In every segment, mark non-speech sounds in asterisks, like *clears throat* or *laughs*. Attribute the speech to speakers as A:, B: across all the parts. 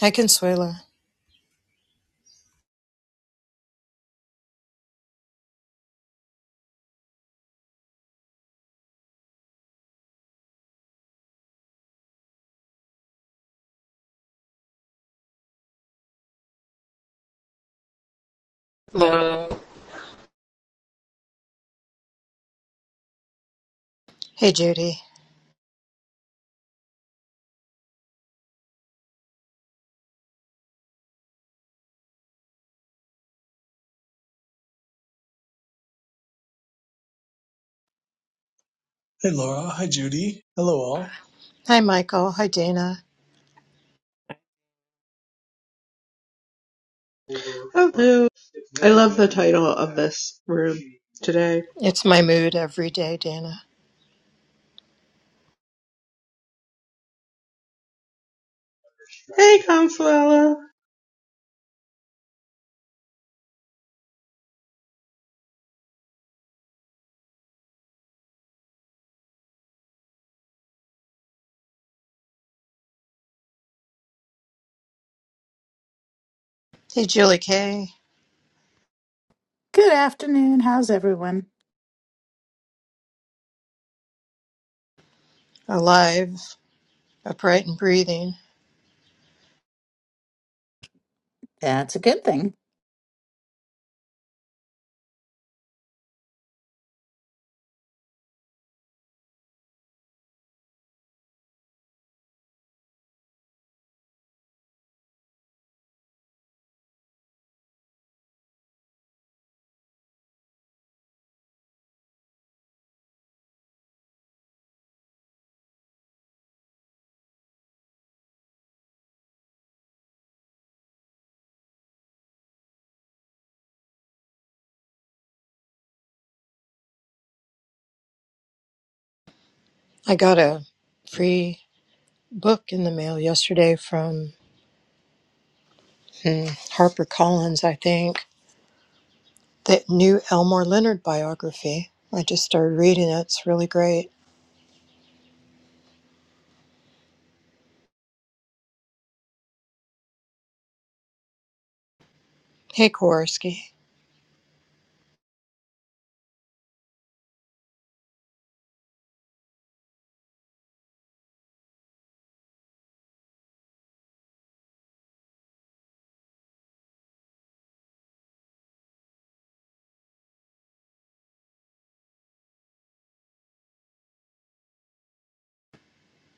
A: Hi, Consuela.
B: Okay,
A: Hey, Judy.
C: Hey, Laura. Hi, Judy. Hello, all.
A: Hi, Michael. Hi, Dana.
D: Hello. I love the title of this room today.
A: It's my mood every day, Dana.
D: Hey, Consuela.
A: Hey, Julie K.
E: Good afternoon. How's everyone?
A: Alive, upright, and breathing.
E: That's a good thing.
A: I got a free book in the mail yesterday from hmm, HarperCollins, I think. That new Elmore Leonard biography. I just started reading it. It's really great. Hey, Kowarski.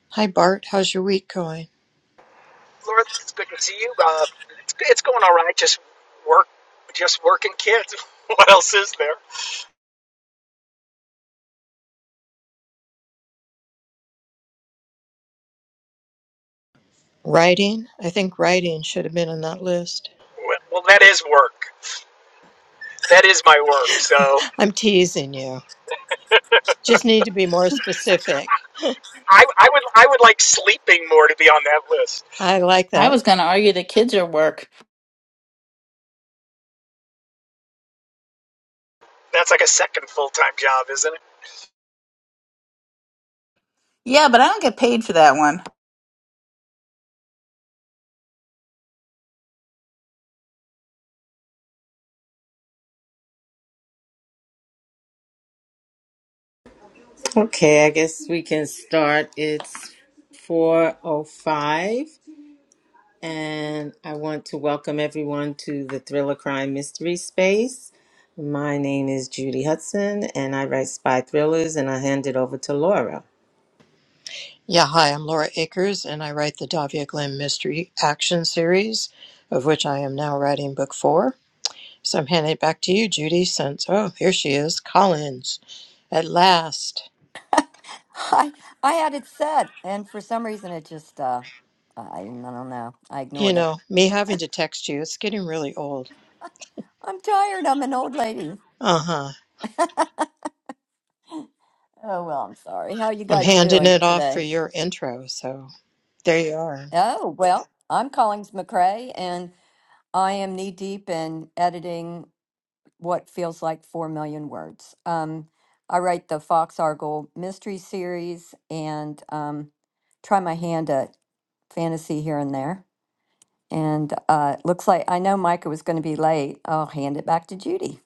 A: Hi, Bart. How's your week going?
F: Lord, it's good to see you. Uh, it's, it's going all right. Just work, just working kids. *laughs* what else is there?
A: Writing? I think writing should have been on that list.
F: Well, well, that is work. That is my work. So
A: I'm teasing you. Just need to be more specific.
F: I, I would I would like sleeping more to be on that list.
A: I like
E: I
A: that.
E: was going to argue the kids are work.
F: That's like a second full time job, isn't it?
E: Yeah, but I don't get paid for that one.
B: I guess we can start. It's 4:05 and I want to welcome everyone to the Thriller Crime Mystery Space. My name is Judy Hudson and I write spy thrillers and I hand it over to Laura.
A: Yeah, hi, I'm Laura Akers, and I write the Davia Glenn Mystery Action Series, of which I am now writing book four. So I'm handing it back to you, Judy, since, oh, here she is, Collins, at last.
G: I I had it set, and for some reason, it just uh, I I don't know. I
A: You
G: ignored it.
A: know, me having to text you, it's getting really old.
G: I'm tired. I'm an old lady.
A: Uh huh.
G: Oh well, I'm sorry. How you
A: I'm
G: guys
A: handing
G: doing
A: it off for
G: today?
A: your intro, so there you are.
G: Oh well, I'm Collins McRae, and I am knee deep in editing what feels like four million words. Um, I write the Fox Argyle mystery series and um, try my hand at fantasy here and there. And uh, it looks like I know Micah was going to be late. I'll hand it back to Judy.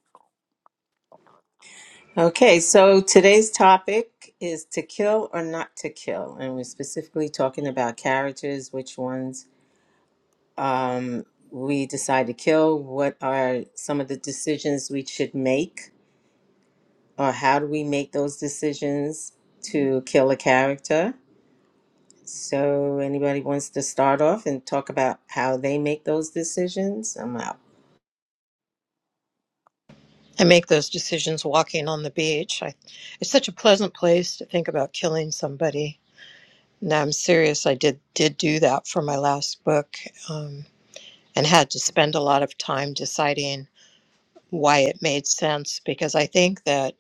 B: Okay, so today's topic is to kill or not to kill and we're specifically talking about characters, which ones um we decide to kill, what are some of the decisions we should make or how do we make those decisions to kill a character? So, anybody wants to start off and talk about how they make those decisions? I'm out.
A: I make those decisions walking on the beach. I, it's such a pleasant place to think about killing somebody No, I'm serious. I did did do that for my last book, um, and had to spend a lot of time deciding why it made sense. Because I think that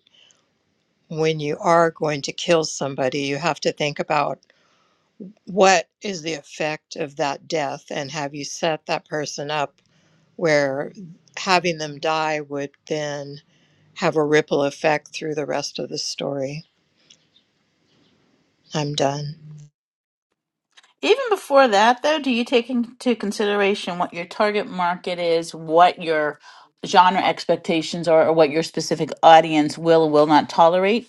A: when you are going to kill somebody, you have to think about what is the effect of that death, and have you set that person up where having them die would then have a ripple effect through the rest of the story. I'm done.
E: Even before that, though, do you take into consideration what your target market is, what your genre expectations are, or what your specific audience will or will not tolerate?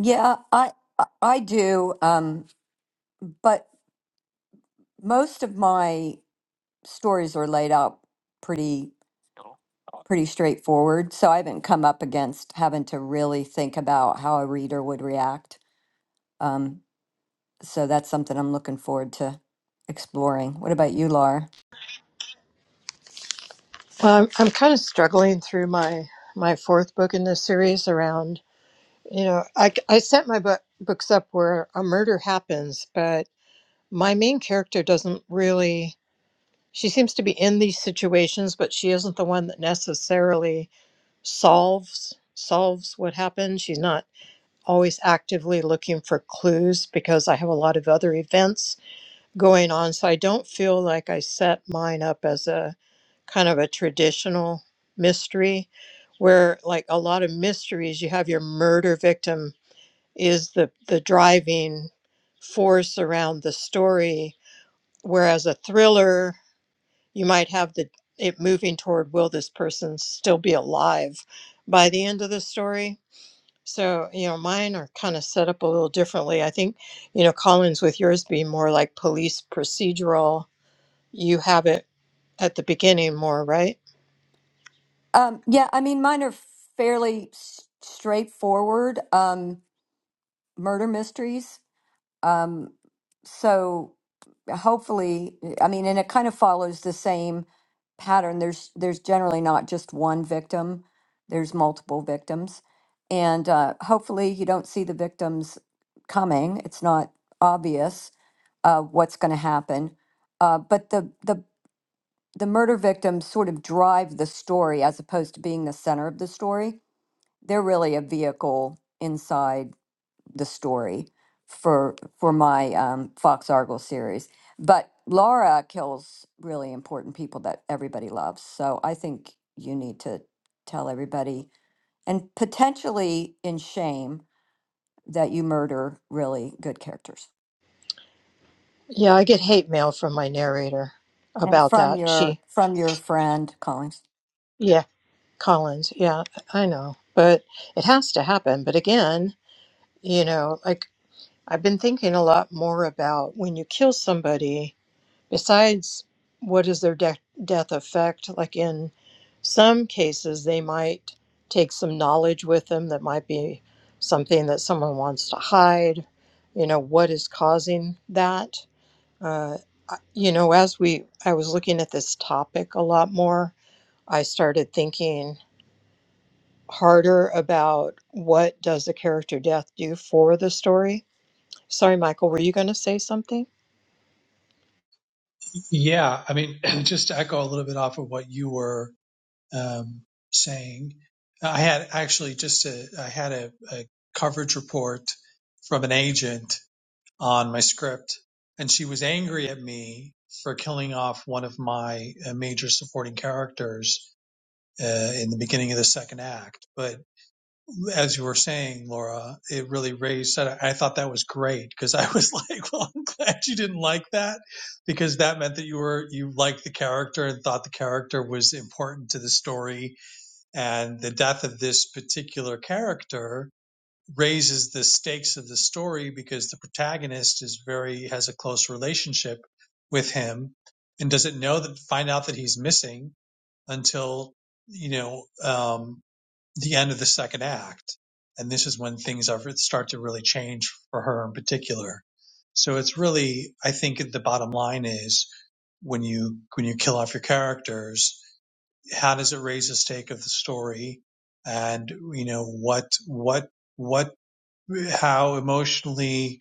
G: Yeah, I I I do. Um, but most of my stories are laid out pretty pretty straightforward, so I haven't come up against having to really think about how a reader would react. Um, so that's something I'm looking forward to exploring. What about you, Laura?
A: Um, I'm kind of struggling through my my fourth book in this series around You know, I, I set my book, books up where a murder happens, but my main character doesn't really. She seems to be in these situations, but she isn't the one that necessarily solves solves what happened. She's not always actively looking for clues because I have a lot of other events going on, so I don't feel like I set mine up as a kind of a traditional mystery where like a lot of mysteries you have your murder victim is the the driving force around the story whereas a thriller you might have the it moving toward will this person still be alive by the end of the story so you know mine are kind of set up a little differently i think you know collins with yours being more like police procedural you have it at the beginning more right
G: Um, yeah, I mean, mine are fairly s- straightforward. Um, murder mysteries Um, so hopefully, I mean, and it kind of follows the same pattern. There's there's generally not just one victim. There's multiple victims, and uh, hopefully you don't see the victims coming. It's not obvious uh, what's going to happen, uh, but the the the murder victims sort of drive the story as opposed to being the center of the story. They're really a vehicle inside the story for for my um, Fox Argyle series. But Laura kills really important people that everybody loves. So I think you need to tell everybody and potentially in shame that you murder really good characters.
A: yeah i get hate mail from my narrator
G: And
A: about
G: from
A: that
G: your
A: she
G: from your friend Collins.
A: yeah Collins, yeah, I know, but it has to happen. But again, you know, like I've been thinking a lot more about when you kill somebody, besides what is their de- death effect, like in some cases, they might take some knowledge with them that might be something that someone wants to hide, you know, what is causing that. Uh, I- you know, as we, I was looking at this topic a lot more, I started thinking harder about what does the character death do for the story. Sorry, Michael, were you going to say something?
C: Yeah, I mean, *clears throat* just to echo a little bit off of what you were um, saying, I had actually just a, I had a, a coverage report from an agent on my script, and she was angry at me for killing off one of my uh, major supporting characters uh, in the beginning of the second act. But as you were saying, Laura, it really raised that. I thought that was great because I was *laughs* like, well, I'm glad you didn't like that because that meant that you were, you liked the character and thought the character was important to the story. And the death of this particular character raises the stakes of the story because the protagonist is very, has a close relationship with him and doesn't know that, find out that he's missing until, you know, um, the end of the second act. And this is when things are, start to really change for her in particular. So it's really, I think the bottom line is when you, when you kill off your characters, how does it raise the stake of the story? And, you know, what, what, what, how emotionally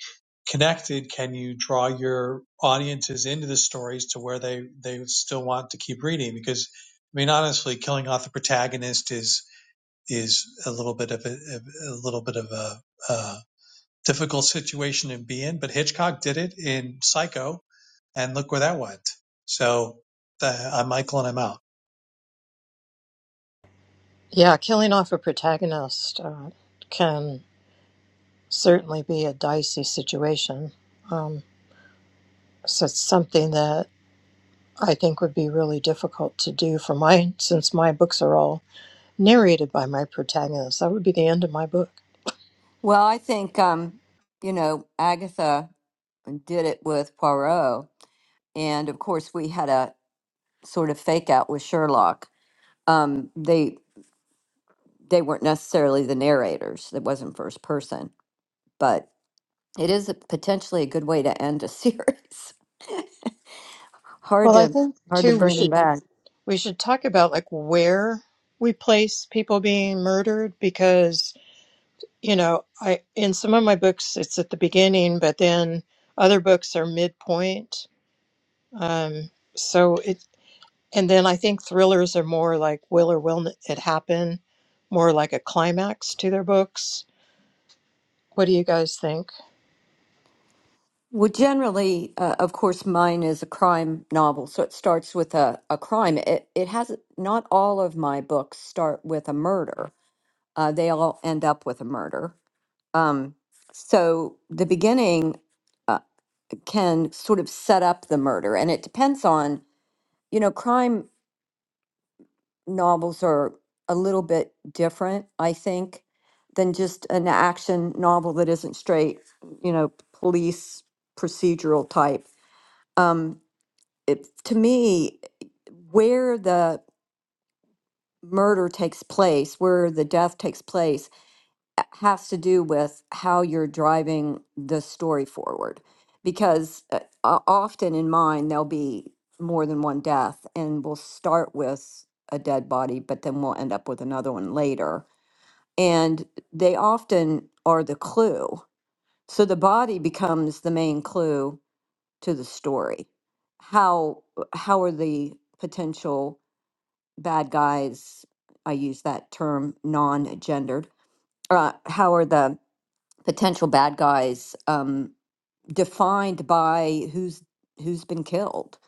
C: connected can you draw your audiences into the stories to where they, they still want to keep reading? Because, I mean, honestly, killing off the protagonist is, is a little bit of a, a little bit of a, uh difficult situation to be in. But Hitchcock did it in Psycho, and look where that went. So the, I'm Michael, and I'm out.
A: Yeah, killing off a protagonist uh, can certainly be a dicey situation. Um, so it's something that I think would be really difficult to do for mine, since my books are all narrated by my protagonist. That would be the end of my book.
G: Well, I think um, you know, Agatha did it with Poirot. And of course we had a sort of fake out with Sherlock. Um, they they weren't necessarily the narrators. It wasn't first person, but it is a, potentially a good way to end a *laughs* series. hard
A: Well, I
G: to
A: think
G: hard to
A: too we
G: bring them
A: should
G: back.
A: we should talk about like where we place people being murdered because you know I in some of my books it's at the beginning, but then other books are midpoint. Um, so it and then I think thrillers are more like will or will it happen, more like a climax to their books. What do you guys think?
G: Well, generally, uh, of course, mine is a crime novel, so it starts with a, a crime. It it has not all of my books start with a murder. Uh, they all end up with a murder. Um, so the beginning uh, can sort of set up the murder, and it depends on you know crime. novels are a little bit different, I think, than just an action novel that isn't straight, you know, police procedural type. Um, it, to me, where the murder takes place, where the death takes place, has to do with how you're driving the story forward because uh, o- often in mine there'll be more than one death and we'll start with a dead body but then we'll end up with another one later and they often are the clue so the body becomes the main clue to the story how uh, how are the potential bad guys i use that term non-gendered uh, how are the potential bad guys um, defined by who's who's been killed.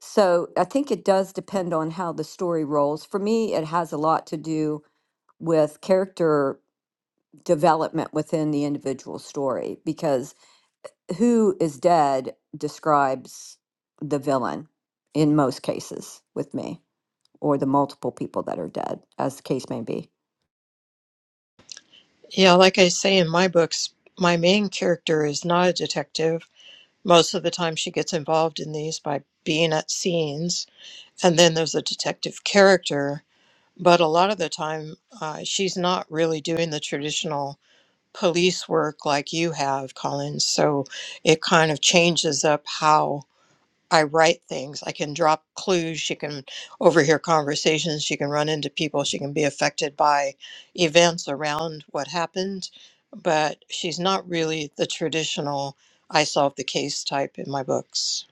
G: So I think it does depend on how the story rolls. For me, it has a lot to do with character development within the individual story because who is dead describes the villain in most cases with me or the multiple people that are dead as the case may be
A: Yeah, like I say in my books, my main character is not a detective Most of the time, she gets involved in these by being at scenes, and then there's a detective character. But a lot of the time, uh, she's not really doing the traditional police work like you have, Colin. So it kind of changes up how I write things. I can drop clues. She can overhear conversations. She can run into people. She can be affected by events around what happened. But she's not really the traditional I solved the case type in my books.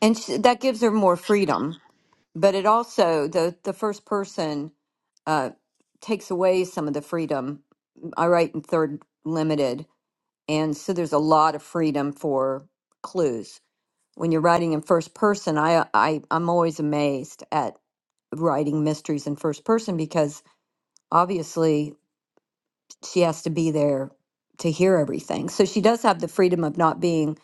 G: and sh- that gives her more freedom but it also the the first person uh, takes away some of the freedom. I write in third limited, and so there's a lot of freedom for clues. When you're writing in first person, I, I I'm always amazed at writing mysteries in first person because obviously she has to be there to hear everything. So she does have the freedom of not being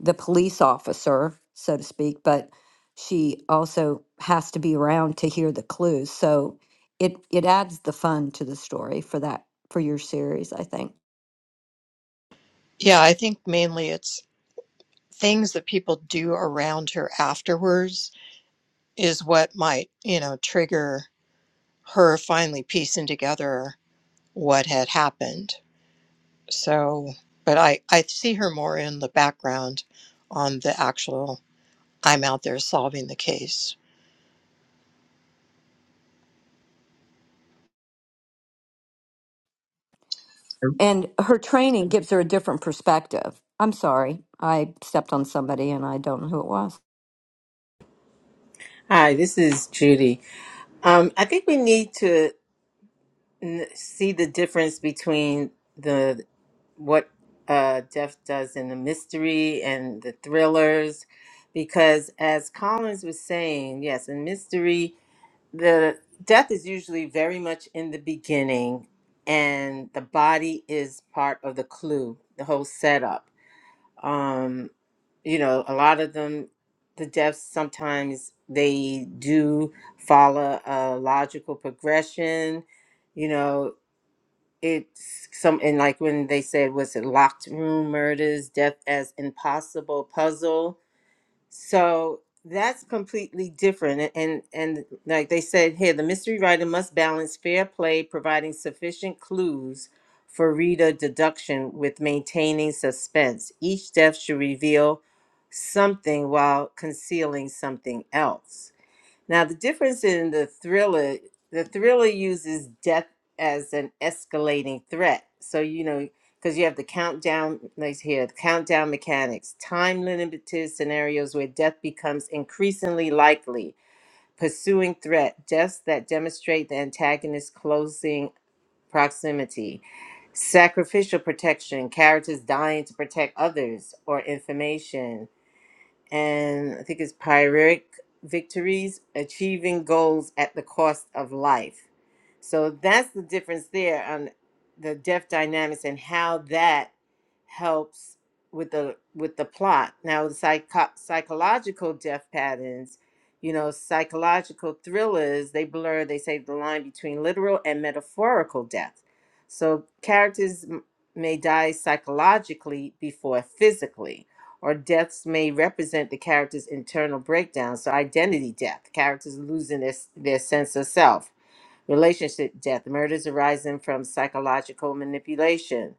G: the police officer, so to speak, but she also has to be around to hear the clues. So it it adds the fun to the story for that for your series, I think.
A: Yeah, I think mainly it's things that people do around her afterwards is what might, you know, trigger her finally piecing together what had happened So, but I, I see her more in the background on the actual, I'm out there solving the case.
G: And her training gives her a different perspective. I'm sorry, I stepped on somebody and I don't know who it was.
B: Hi, this is Judy. Um, I think we need to n- see the difference between the what uh, Jeff does in the mystery and the thrillers, because as Collins was saying, yes, in mystery the death is usually very much in the beginning and the body is part of the clue the whole setup um you know a lot of them the deaths sometimes they do follow a logical progression you know it's some and like when they said was it locked room murders death as impossible puzzle so that's completely different. a- And and like they said here, the mystery writer must balance fair play, providing sufficient clues for reader deduction with maintaining suspense. Each death should reveal something while concealing something else. Now, the difference in the thriller, the thriller uses death as an escalating threat. So, you know, because you have the countdown, like here, the countdown mechanics, time limited scenarios where death becomes increasingly likely, pursuing threat, deaths that demonstrate the antagonist's closing proximity, sacrificial protection, characters dying to protect others or information, and I think it's Pyrrhic victories, achieving goals at the cost of life. So that's the difference there on the death dynamics and how that helps with the with the plot. Now the psycho- psychological death patterns, you know, psychological thrillers, they blur, they say the line between literal and metaphorical death. So characters m- may die psychologically before physically or deaths may represent the character's internal breakdown. So, identity death, characters losing their, their sense of self. Relationship death, murders arising from psychological manipulation.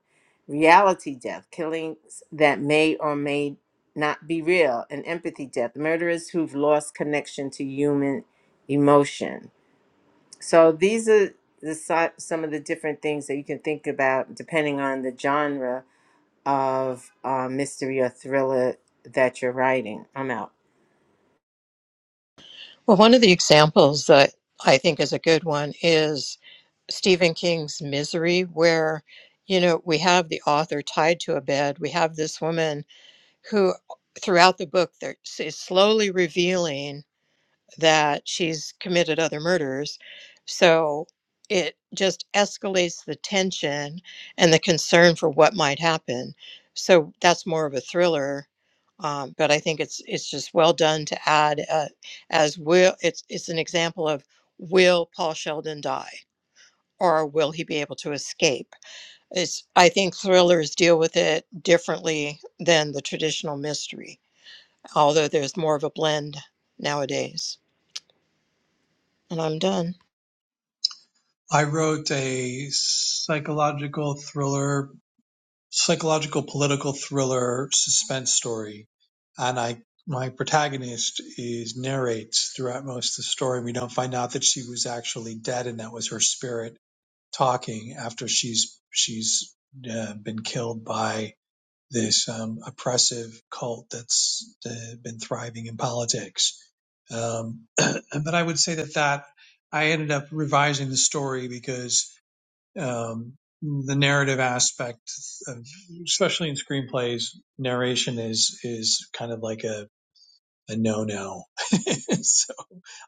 B: Reality death, killings that may or may not be real. And empathy death, murderers who've lost connection to human emotion. So, these are the, si- some of the different things that you can think about depending on the genre of uh, mystery or thriller that you're writing. I'm out.
A: Well, one of the examples that I think is a good one is Stephen King's Misery, where, you know, we have the author tied to a bed. We have this woman who, throughout the book, there is slowly revealing. that she's committed other murders. So it just escalates the tension and the concern for what might happen. So that's more of a thriller. Um, but I think it's it's just well done to add uh, as will it's it's an example of will Paul Sheldon die or will he be able to escape? It's I think thrillers deal with it differently than the traditional mystery, although there's more of a blend nowadays. And I'm done.
C: I wrote a psychological thriller, psychological political thriller suspense story, and I my protagonist is narrates throughout most of the story. We don't find out that she was actually dead, and that was her spirit talking after she's she's uh, been killed by this um, oppressive cult that's uh, been thriving in politics. Um, *clears throat* but I would say that that I ended up revising the story because um, the narrative aspect, of, especially in screenplays, narration is is kind of like a a no no. *laughs* so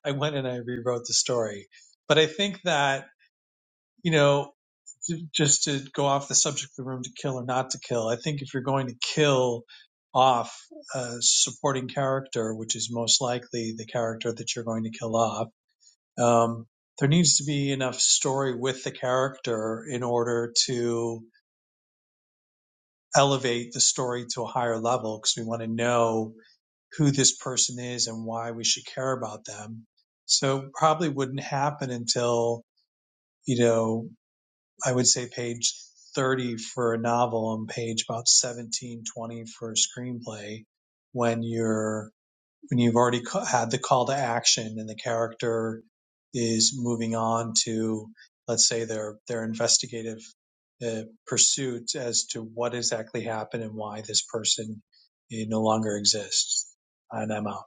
C: I went and I rewrote the story. But I think that you know just to go off the subject of the room to kill or not to kill, I think if you're going to kill off a supporting character, which is most likely the character that you're going to kill off, um, there needs to be enough story with the character in order to elevate the story to a higher level because we want to know who this person is and why we should care about them. So probably wouldn't happen until, you know, I would say page 30 for a novel and page about 17, 20 for a screenplay when you're, when you've already had the call to action and the character is moving on to, let's say their, their investigative uh, pursuit as to what exactly happened and why this person eh, no longer exists. And I'm out.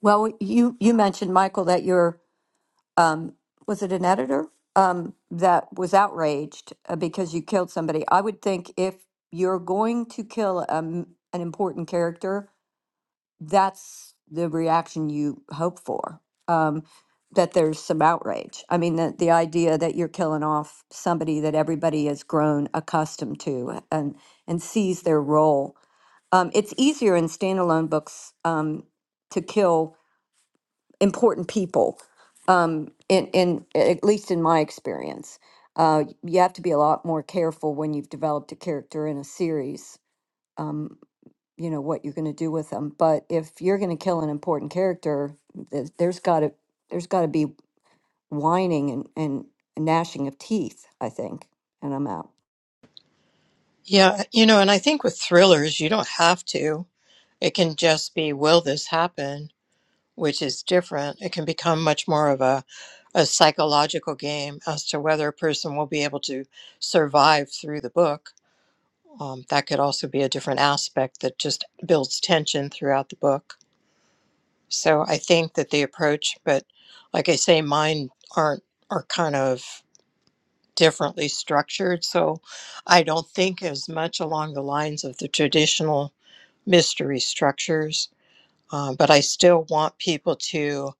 G: Well, you you mentioned Michael that your um, was it an editor um, that was outraged uh, because you killed somebody. I would think if you're going to kill um, an important character, that's the reaction you hope for. Um, that there's some outrage. I mean, the, the idea that you're killing off somebody that everybody has grown accustomed to and and sees their role. Um, it's easier in standalone books um, to kill important people. Um, in in at least in my experience, uh, you have to be a lot more careful when you've developed a character in a series. um, you know what you're going to do with them but if you're going to kill an important character th- there's got to there's got to be whining and, and gnashing of teeth i think and i'm out
A: Yeah, you know, and I think with thrillers, you don't have to. It can just be, will this happen? Which is different. It can become much more of a, a psychological game as to whether a person will be able to survive through the book. Um, that could also be a different aspect that just builds tension throughout the book. So I think that the approach, but like I say, mine aren't, are kind of differently structured. So I don't think as much along the lines of the traditional mystery structures. Um, but I still want people to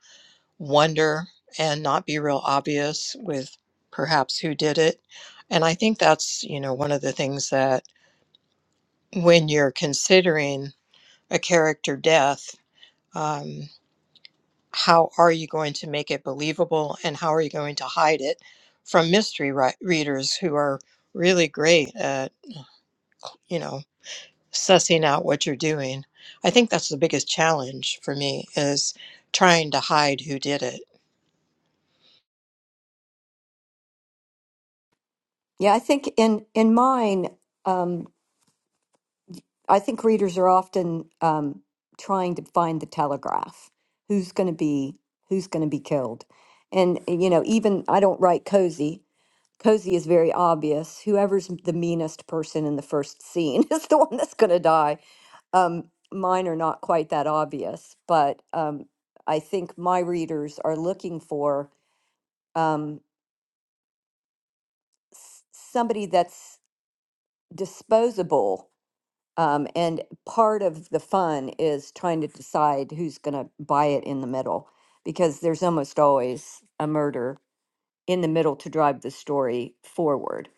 A: wonder and not be real obvious with perhaps who did it. And I think that's, you know, one of the things that when you're considering a character death, um, how are you going to make it believable and how are you going to hide it from mystery ri- readers who are really great at, you know, sussing out what you're doing. I think that's the biggest challenge for me is trying to hide who did it.
G: yeah i think in in mine um i think readers are often um trying to find the telegraph who's going to be who's going to be killed and eh, you know even i don't write cozy cozy is very obvious whoever's the meanest person in the first scene *laughs* is the one that's going to die Um, mine are not quite that obvious, but um, I think my readers are looking for um, s- somebody that's disposable. Um, and part of the fun is trying to decide who's going to buy it in the middle, because there's almost always a murder in the middle to drive the story forward.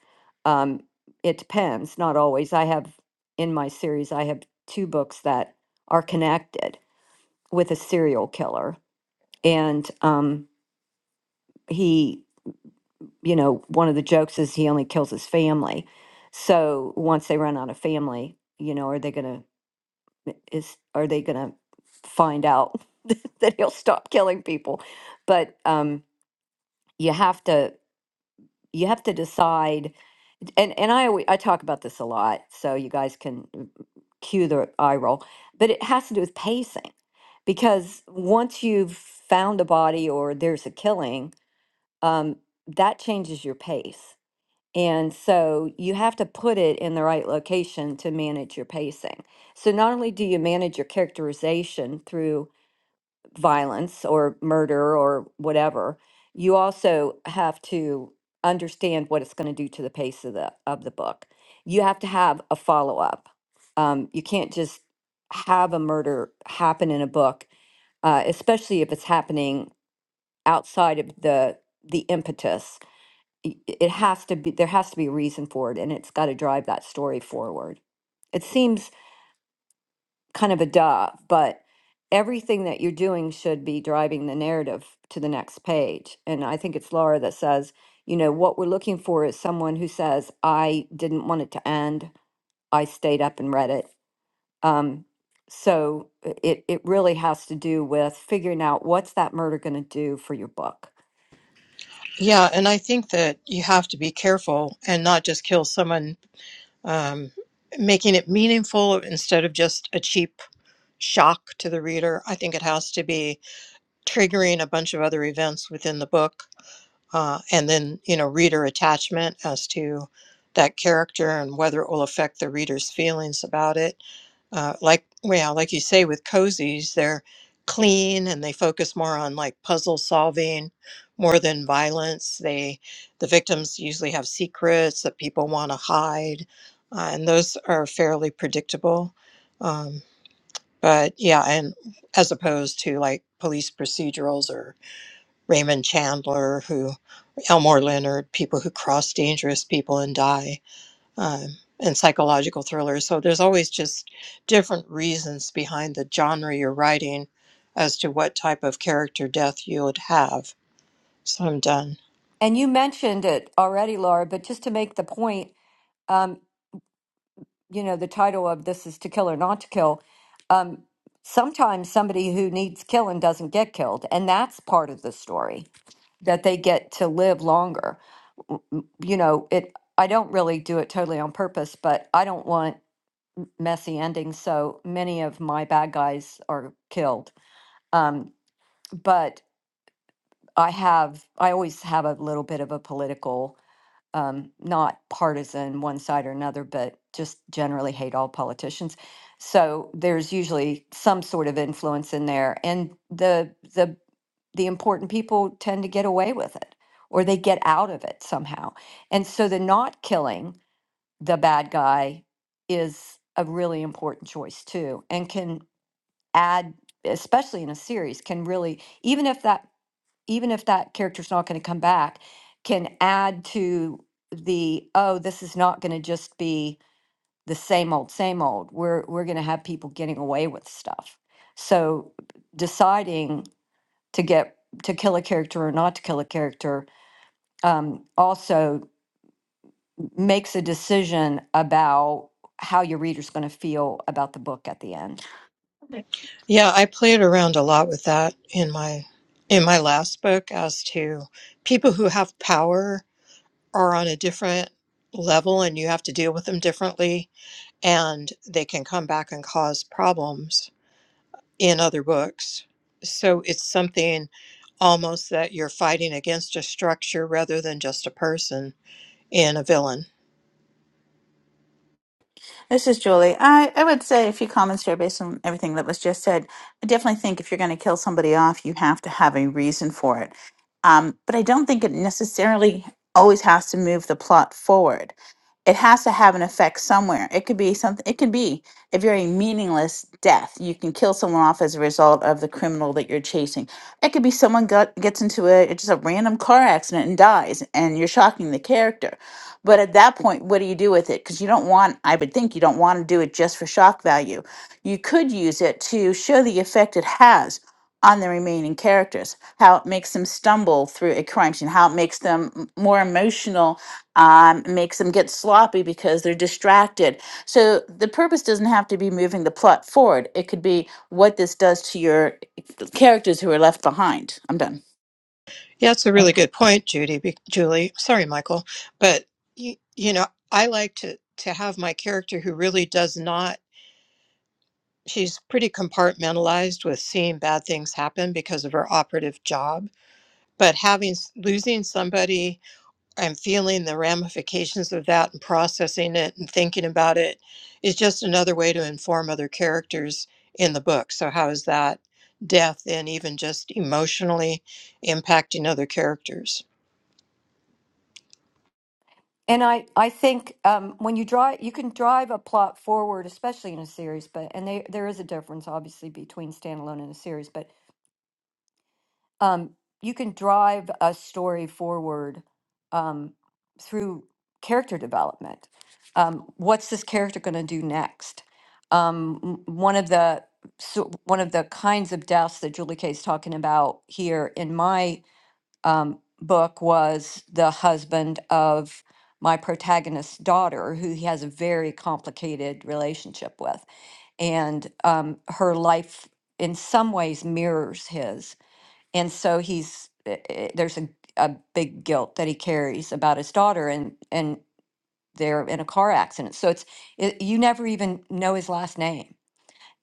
G: Um, it depends, not always. I have in my series, I have two books that are connected with a serial killer and um, he you know one of the jokes is he only kills his family so once they run out of family you know are they gonna is are they gonna find out *laughs* that he'll stop killing people but um you have to you have to decide and and I always, I talk about this a lot, so you guys can mm, cue the eye roll. But it has to do with pacing, because once you've found a body or there's a killing, um, that changes your pace. And so you have to put it in the right location to manage your pacing. So not only do you manage your characterization through violence or murder or whatever, you also have to understand what it's going to do to the pace of the of the book. You have to have a follow up. Um, you can't just have a murder happen in a book, uh, especially if it's happening outside of the the impetus i- i- it has to be there has to be a reason for it and it's got to drive that story forward it seems kind of a duh but everything that you're doing should be driving the narrative to the next page and i think it's laura that says you know what we're looking for is someone who says i didn't want it to end i stayed up and read it um, so i- it, it really has to do with figuring out what's that murder going to do for your book
A: Yeah, and I think that you have to be careful and not just kill someone, um, making it meaningful instead of just a cheap shock to the reader. I think it has to be triggering a bunch of other events within the book, uh, and then you know reader attachment as to that character and whether it will affect the reader's feelings about it uh, like well like you say with cozies they're clean and they focus more on like puzzle solving more than violence they the victims usually have secrets that people want to hide uh, and those are fairly predictable um, but yeah and as opposed to like police procedurals or raymond chandler who elmore leonard people who cross dangerous people and die um, and psychological thrillers. So there's always just different reasons behind the genre you're writing as to what type of character death you would have. So I'm done.
G: and you mentioned it already laura but just to make the point um, you know, the title of this is to kill or not to kill. Um, sometimes somebody who needs killing doesn't get killed, and that's part of the story that they get to live longer. W- m- You know, it. I don't really do it totally on purpose, but I don't want messy endings, so many of my bad guys are killed. Um, but I have, I always have a little bit of a political um, not partisan one side or another, but just generally hate all politicians. So there's usually some sort of influence in there, and the the the important people tend to get away with it, or they get out of it somehow. And so the not killing the bad guy is a really important choice too, and can add, especially in a series, can really even if that even if that character's not going to come back, can add to the, oh, this is not going to just be the same old, same old. We're we're going to have people getting away with stuff. So deciding to get to kill a character or not to kill a character um, also makes a decision about how your reader's going to feel about the book at the end.
A: Yeah, I played around a lot with that in my in my last book as to people who have power are on a different level and you have to deal with them differently and they can come back and cause problems in other books. So it's something almost that you're fighting against a structure rather than just a person in a villain.
E: This is Julie. I, I would say a few comments here based on everything that was just said. I definitely think if you're going to kill somebody off, you have to have a reason for it. Um, but I don't think it necessarily always has to move the plot forward it has to have an effect somewhere. It could be something, it could be a very meaningless death. You can kill someone off as a result of the criminal that you're chasing. It could be someone got, gets into a it's just a random car accident and dies, and you're shocking the character. But at that point, what do you do with it? Because you don't want, I would think, you don't want to do it just for shock value. You could use it to show the effect it has on the remaining characters, how it makes them stumble through a crime scene, how it makes them m- more emotional um, makes them get sloppy because they're distracted. So the purpose doesn't have to be moving the plot forward. It could be what this does to your characters who are left behind. I'm done.
A: Yeah, it's a really good point, Judy. be- Julie, sorry, Michael, but you, you know, I like to to have my character who really does not. She's pretty compartmentalized with seeing bad things happen because of her operative job, but having s- losing somebody I'm feeling the ramifications of that and processing it and thinking about it is just another way to inform other characters in the book. So, how is that death and even just emotionally impacting other characters?
G: And I, I think um, when you drive, you can drive a plot forward, especially in a series. But and they, there is a difference, obviously, between standalone and a series. But um, you can drive a story forward um, through character development. Um, what's this character going to do next? Um, m- one of the so one of the kinds of deaths that Julie Kay is talking about here in my um, book was the husband of my protagonist's daughter, who he has a very complicated relationship with. And um, her life, in some ways, mirrors his. And so he's eh, eh, there's a, a big guilt that he carries about his daughter, and and they're in a car accident. So it's it, you never even know his last name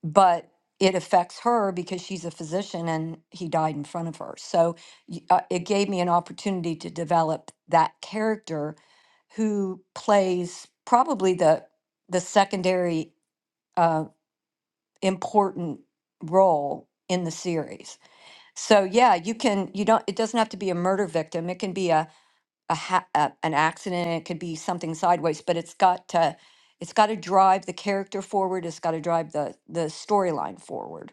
G: but it affects her because she's a physician and he died in front of her. So y- uh, it gave me an opportunity to develop that character who plays probably the the secondary uh, important role in the series. So yeah, you can you don't it doesn't have to be a murder victim. It can be a, a, ha- a an accident. It could be something sideways, but it's got to it's got to drive the character forward. It's got to drive the the storyline forward.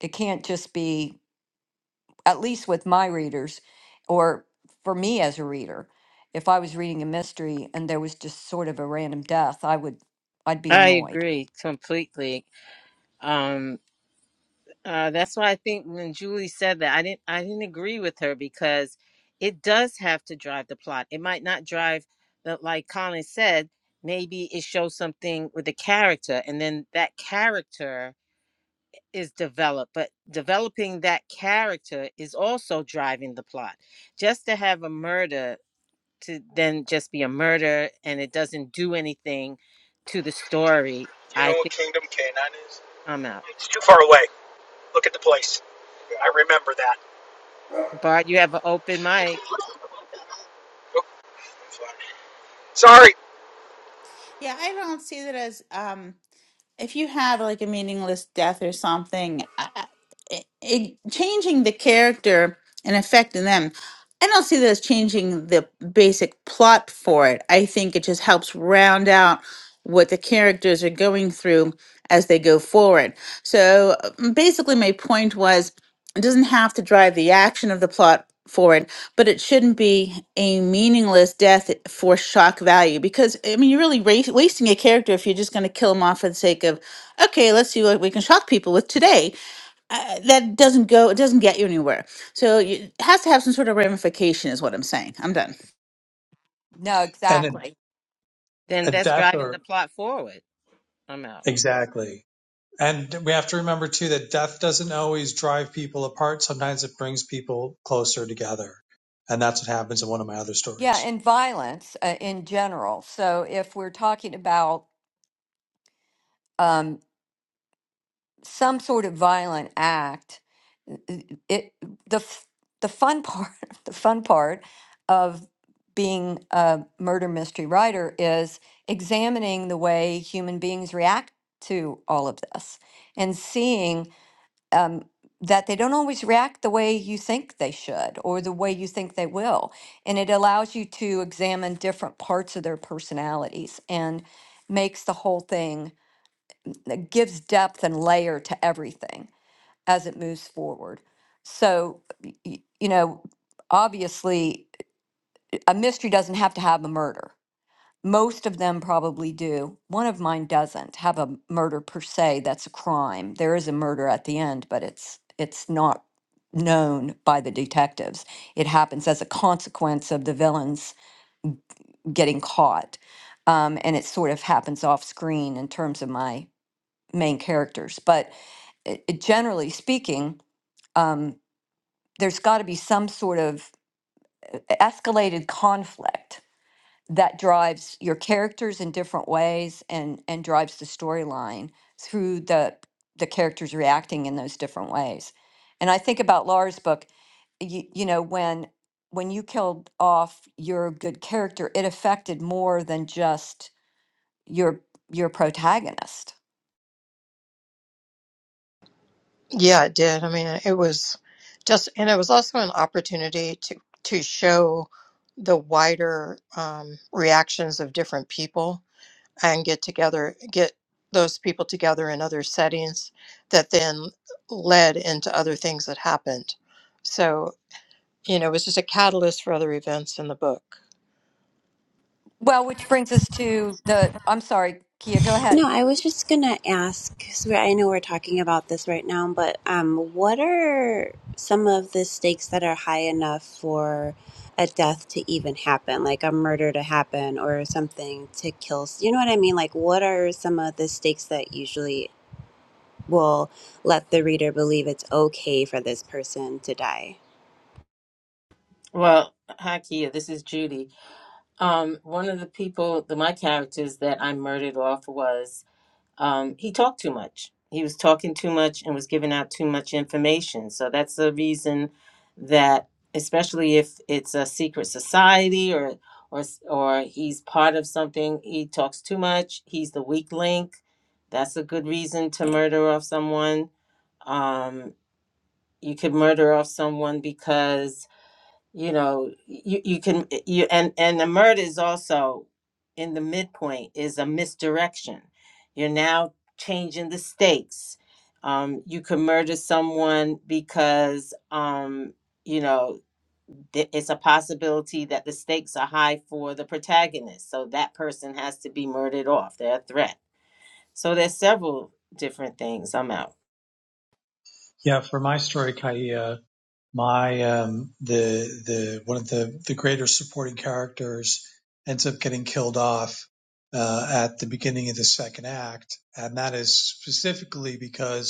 G: It can't just be, at least with my readers, or for me as a reader, if I was reading a mystery and there was just sort of a random death, I would, I'd be
B: I
G: annoyed.
B: agree completely. Um, uh, that's why I think when Julie said that, I didn't, I didn't agree with her because it does have to drive the plot. It might not drive the, like Colin said, maybe it shows something with the character, and then that character is developed. But developing that character is also driving the plot. Just to have a murder to then just be a murder and it doesn't do anything to the story, I think I'm out.
F: It's too far away. Look at the place. I remember that.
B: Bart, you have an open mic,
F: Sorry.
E: Yeah, I don't see that as um if you have like a meaningless death or something. it, it- changing the character and affecting them. I don't see that as changing the basic plot for it. I think it just helps round out what the characters are going through as they go forward. So uh, basically, my point was it doesn't have to drive the action of the plot forward, but it shouldn't be a meaningless death for shock value because, I mean, you're really ra- wasting a character if you're just going to kill him off for the sake of, okay, let's see what we can shock people with today uh, that doesn't go it doesn't get you anywhere so you, it has to have some sort of ramification is what i'm saying i'm done
G: No,
C: And a,
G: exactly.
B: then
C: a
B: that's
C: death
B: driving
C: or
B: the plot forward. I'm out.
C: exactly. And we have to remember too that death doesn't always drive people apart. Sometimes it brings people closer together. And that's what happens in one of my other
G: Yeah,
C: stories.
G: and violence uh, in general. So if we're talking about um, some sort of violent act it the f- the fun part *laughs* the fun part of being a murder mystery writer is examining the way human beings react to all of this and seeing um, that they don't always react the way you think they should or the way you think they will and it allows you to examine different parts of their personalities and makes the whole thing it gives depth and layer to everything as it moves forward. So, y- you know, obviously, uh, a mystery doesn't have to have a murder. Most of them probably do. One of mine doesn't have a murder per se. That's a crime. There is a murder at the end, but it's it's not known by the detectives. It happens as a consequence of the villains getting caught, um, and it sort of happens off screen in terms of my main characters. But it, it- generally speaking. Um, there's got to be some sort of e-, escalated conflict that drives your characters in different ways and and drives the storyline through the the characters reacting in those different ways and i think about laura's book you, you know when when you killed off your good character it affected more than just your your protagonist
A: Yeah, it did. I mean, it was just, and it was also an opportunity to to show the wider um, reactions of different people and get together, get those people together in other settings that then led into other things that happened. So, you know, it was just a catalyst for other events in the book.
G: well which brings us to the i'm sorry kia go ahead
H: No, I was just gonna ask because I know we're talking about this right now, but um, what are some of the stakes that are high enough for a death to even happen, like a murder to happen or something to kill? s- You know what I mean? Like, what are some of the stakes that usually will let the reader believe it's okay for this person to die?
B: Well, hi Kia, this is Judy. Um, one of the people, the, my characters that I murdered off was um, he talked too much. He was talking too much and was giving out too much information. So that's the reason that, especially if it's a secret society or or s- or he's part of something, he talks too much. He's the weak link. That's a good reason to murder off someone. Um, you could murder off someone because you know you, you can eh, you and and the murder is also in the midpoint is a misdirection you're now changing the stakes um you can murder someone because um you know th- it's a possibility that the stakes are high for the protagonist so that person has to be murdered off they're a threat so there's several different things i'm out
C: Yeah, for my story, Kaia, my um the the one of the the greater supporting characters ends up getting killed off uh, at the beginning of the second act, and that is specifically because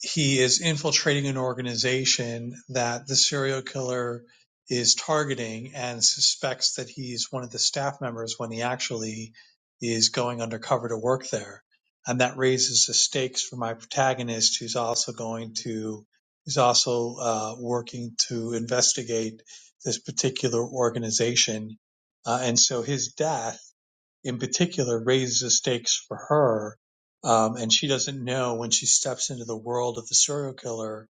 C: he is infiltrating an organization that the serial killer is targeting and suspects that he's one of the staff members when he actually is going undercover to work there. And that raises the stakes for my protagonist, who's also going to, who's also uh, working to investigate this particular organization. Uh, and so his death in particular raises the stakes for her. Um, and she doesn't know when she steps into the world of the serial killer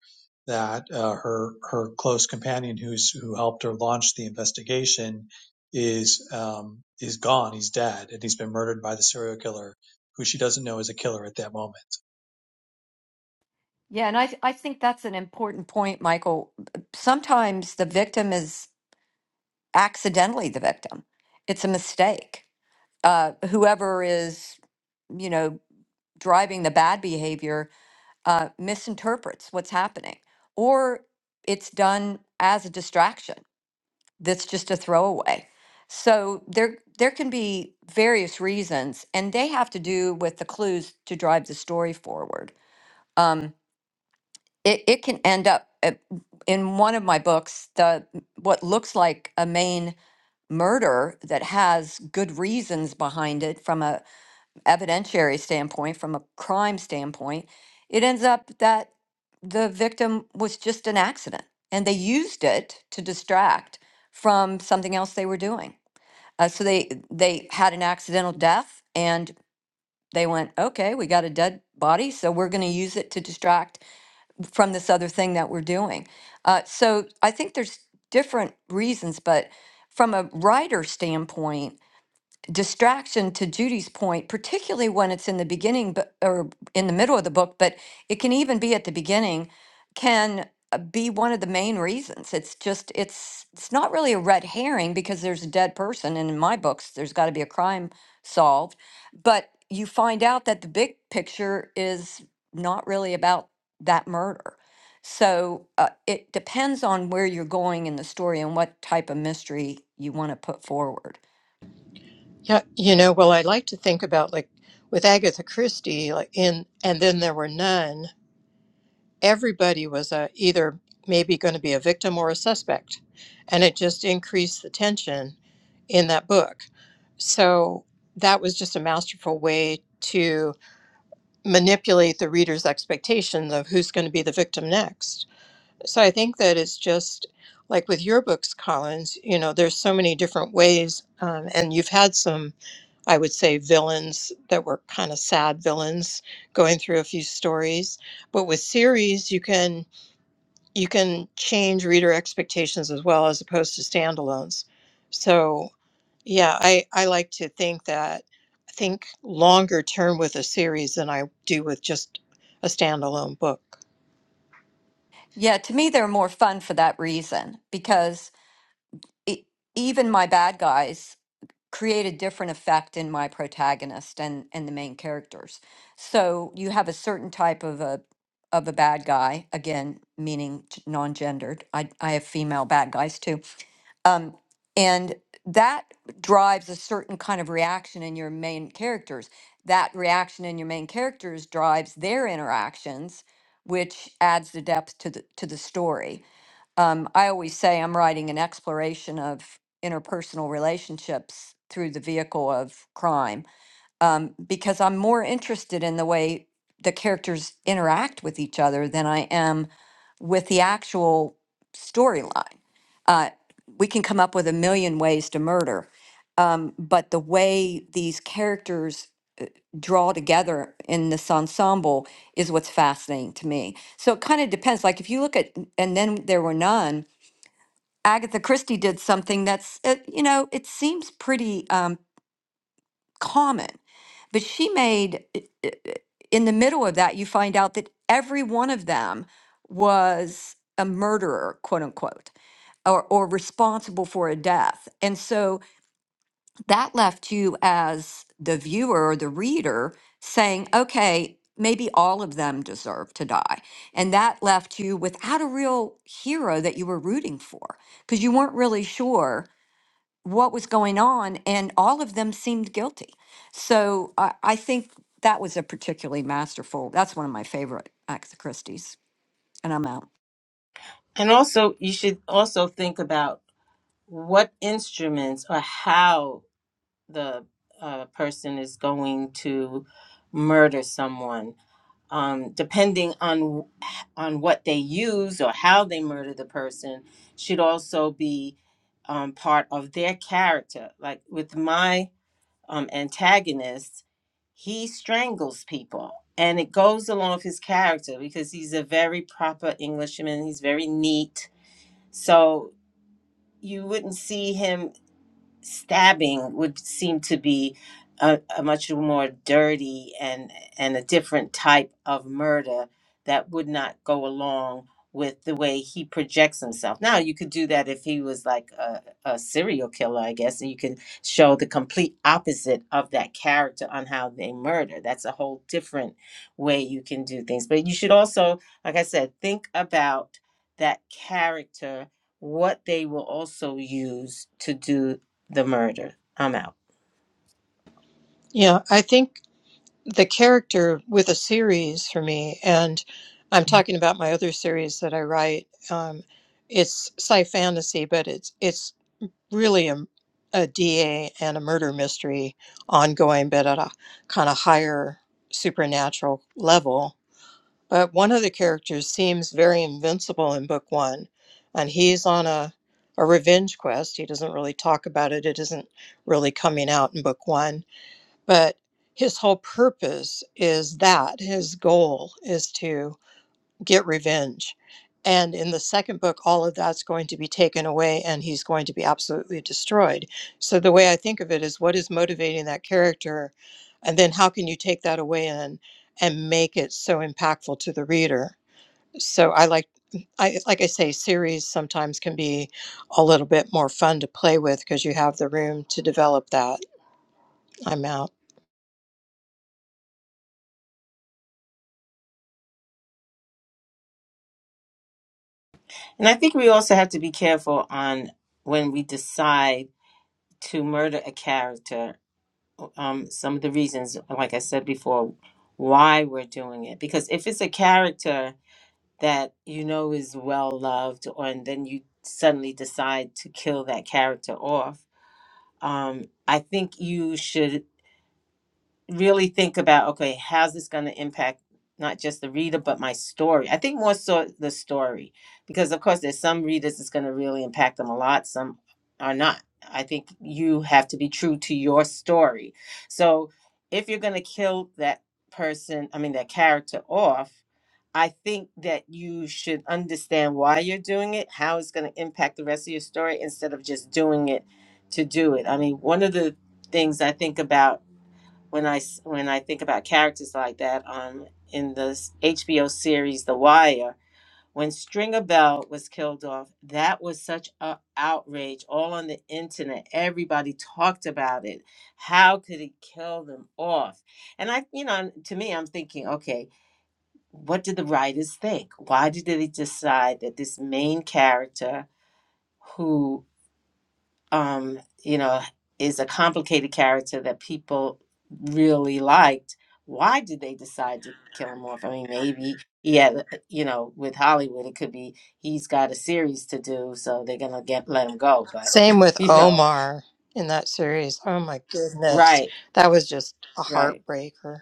C: that uh, her her close companion, who's who helped her launch the investigation, is um, is gone. He's dead, and he's been murdered by the serial killer, who she doesn't know is a killer at that moment.
G: Yeah, and I th- I think that's an important point, Michael. Sometimes the victim is accidentally the victim. It's a mistake. Uh, whoever is, you know, driving the bad behavior uh, misinterprets what's happening, or it's done as a distraction. That's just a throwaway. So there there can be various reasons, and they have to do with the clues to drive the story forward. Um, it, it can end up uh, in one of my books the what looks like a main murder that has good reasons behind it from a evidentiary standpoint from a crime standpoint it ends up that the victim was just an accident and they used it to distract from something else they were doing uh, so they they had an accidental death and they went okay we got a dead body so we're going to use it to distract from this other thing that we're doing. Uh, so I think there's different reasons, but from a writer standpoint, distraction to Judy's point, particularly when it's in the beginning but, or in the middle of the book, but it can even be at the beginning, can uh, be one of the main reasons. It's just it's it's not really a red herring because there's a dead person and in my books there's got to be a crime solved, but you find out that the big picture is not really about that murder. So uh, it depends on where you're going in the story and what type of mystery you want to put forward.
A: Yeah, you know, well, I like to think about like with Agatha Christie, like in, and then there were none, everybody was a, either maybe going to be a victim or a suspect. And it just increased the tension in that book. So that was just a masterful way to. manipulate the reader's expectations of who's going to be the victim next. So I think that it's just like with your books, Collins, you know, there's so many different ways. Um, and you've had some, I would say, villains that were kind of sad villains going through a few stories. But with series, you can you can change reader expectations as well as opposed to standalones. So yeah, I, I like to think that I think longer term with a series than I do with just a standalone book.
G: Yeah, to me, they're more fun for that reason because e even my bad guys create a different effect in my protagonist and and the main characters. So you have a certain type of a of a bad guy, again, meaning g- non-gendered. I I have female bad guys too, um, and that drives a certain kind of reaction in your main characters. That reaction in your main characters drives their interactions, which adds the depth to the to the story um, I always say I'm writing an exploration of interpersonal relationships through the vehicle of crime um, because I'm more interested in the way the characters interact with each other than I am with the actual storyline. Uh, we can come up with a million ways to murder, um, but the way these characters draw together in this ensemble is what's fascinating to me. So it kind of depends. Like if you look at, and then there were none Agatha Christie did something that's, uh, you know, it seems pretty um, common, but she made, in the middle of that, you find out that every one of them was a murderer, quote unquote, or, or responsible for a death. And so that left you as the viewer or the reader saying, okay, maybe all of them deserve to die. And that left you without a real hero that you were rooting for because you weren't really sure what was going on, and all of them seemed guilty. So I, I think that was a particularly masterful. That's one of my favorite Agatha Christie's, and I'm out.
B: and also you should also think about what instruments or how the uh, person is going to murder someone. Um, depending on on what they use or how they murder the person, should also be um, part of their character. Like with my um, antagonist, he strangles people, and it goes along with his character because he's a very proper Englishman. He's very neat, so you wouldn't see him stabbing would seem to be a, a much more dirty and and a different type of murder that would not go along with the way he projects himself. Now you could do that if he was like a, a serial killer, I guess, and you can show the complete opposite of that character on how they murder. That's a whole different way you can do things. But you should also, like I said, think about that character what they will also use to do the murder. I'm out.
A: Yeah, I think the character with a series for me, and I'm talking about my other series that I write. Um, it's sci fantasy, but it's it's really a, a DA and a murder mystery ongoing, but at a kind of higher supernatural level But one of the characters seems very invincible in book one, and he's on a, a revenge quest. He doesn't really talk about it, it isn't really coming out in book one. But his whole purpose is that his goal is to get revenge. And in the second book, all of that's going to be taken away and he's going to be absolutely destroyed. So the way I think of it is what is motivating that character? And then how can you take that away and and make it so impactful to the reader? So I like I like I say, series sometimes can be a little bit more fun to play with because you have the room to develop that. I'm out.
B: And I think we also have to be careful on when we decide to murder a character. Um, some of the reasons, like I said before, why we're doing it. Because if it's a character that you know is well loved, or and then you suddenly decide to kill that character off, um, I think you should really think about okay how's this going to impact not just the reader but my story i think more so the story because of course there's some readers it's going to really impact them a lot some are not i think you have to be true to your story so if you're going to kill that person i mean that character off i think that you should understand why you're doing it how it's going to impact the rest of your story instead of just doing it to do it i mean one of the things i think about when I when I think about characters like that um in the HBO series The Wire when Stringer Bell was killed off that was such a outrage all on the internet everybody talked about it how could he kill them off and I you know to me I'm thinking okay what did the writers think why did they decide that this main character who um, you know, is a complicated character that people really liked. Why did they decide to kill him off? I mean, maybe he had, uh, you know, with Hollywood, it could be he's got a series to do, so they're gonna get let him go. But
A: Same
B: *laughs*
A: with
B: you know,
A: Omar in that series. Oh my goodness.
B: right,
A: That was just a
B: right.
A: heartbreaker.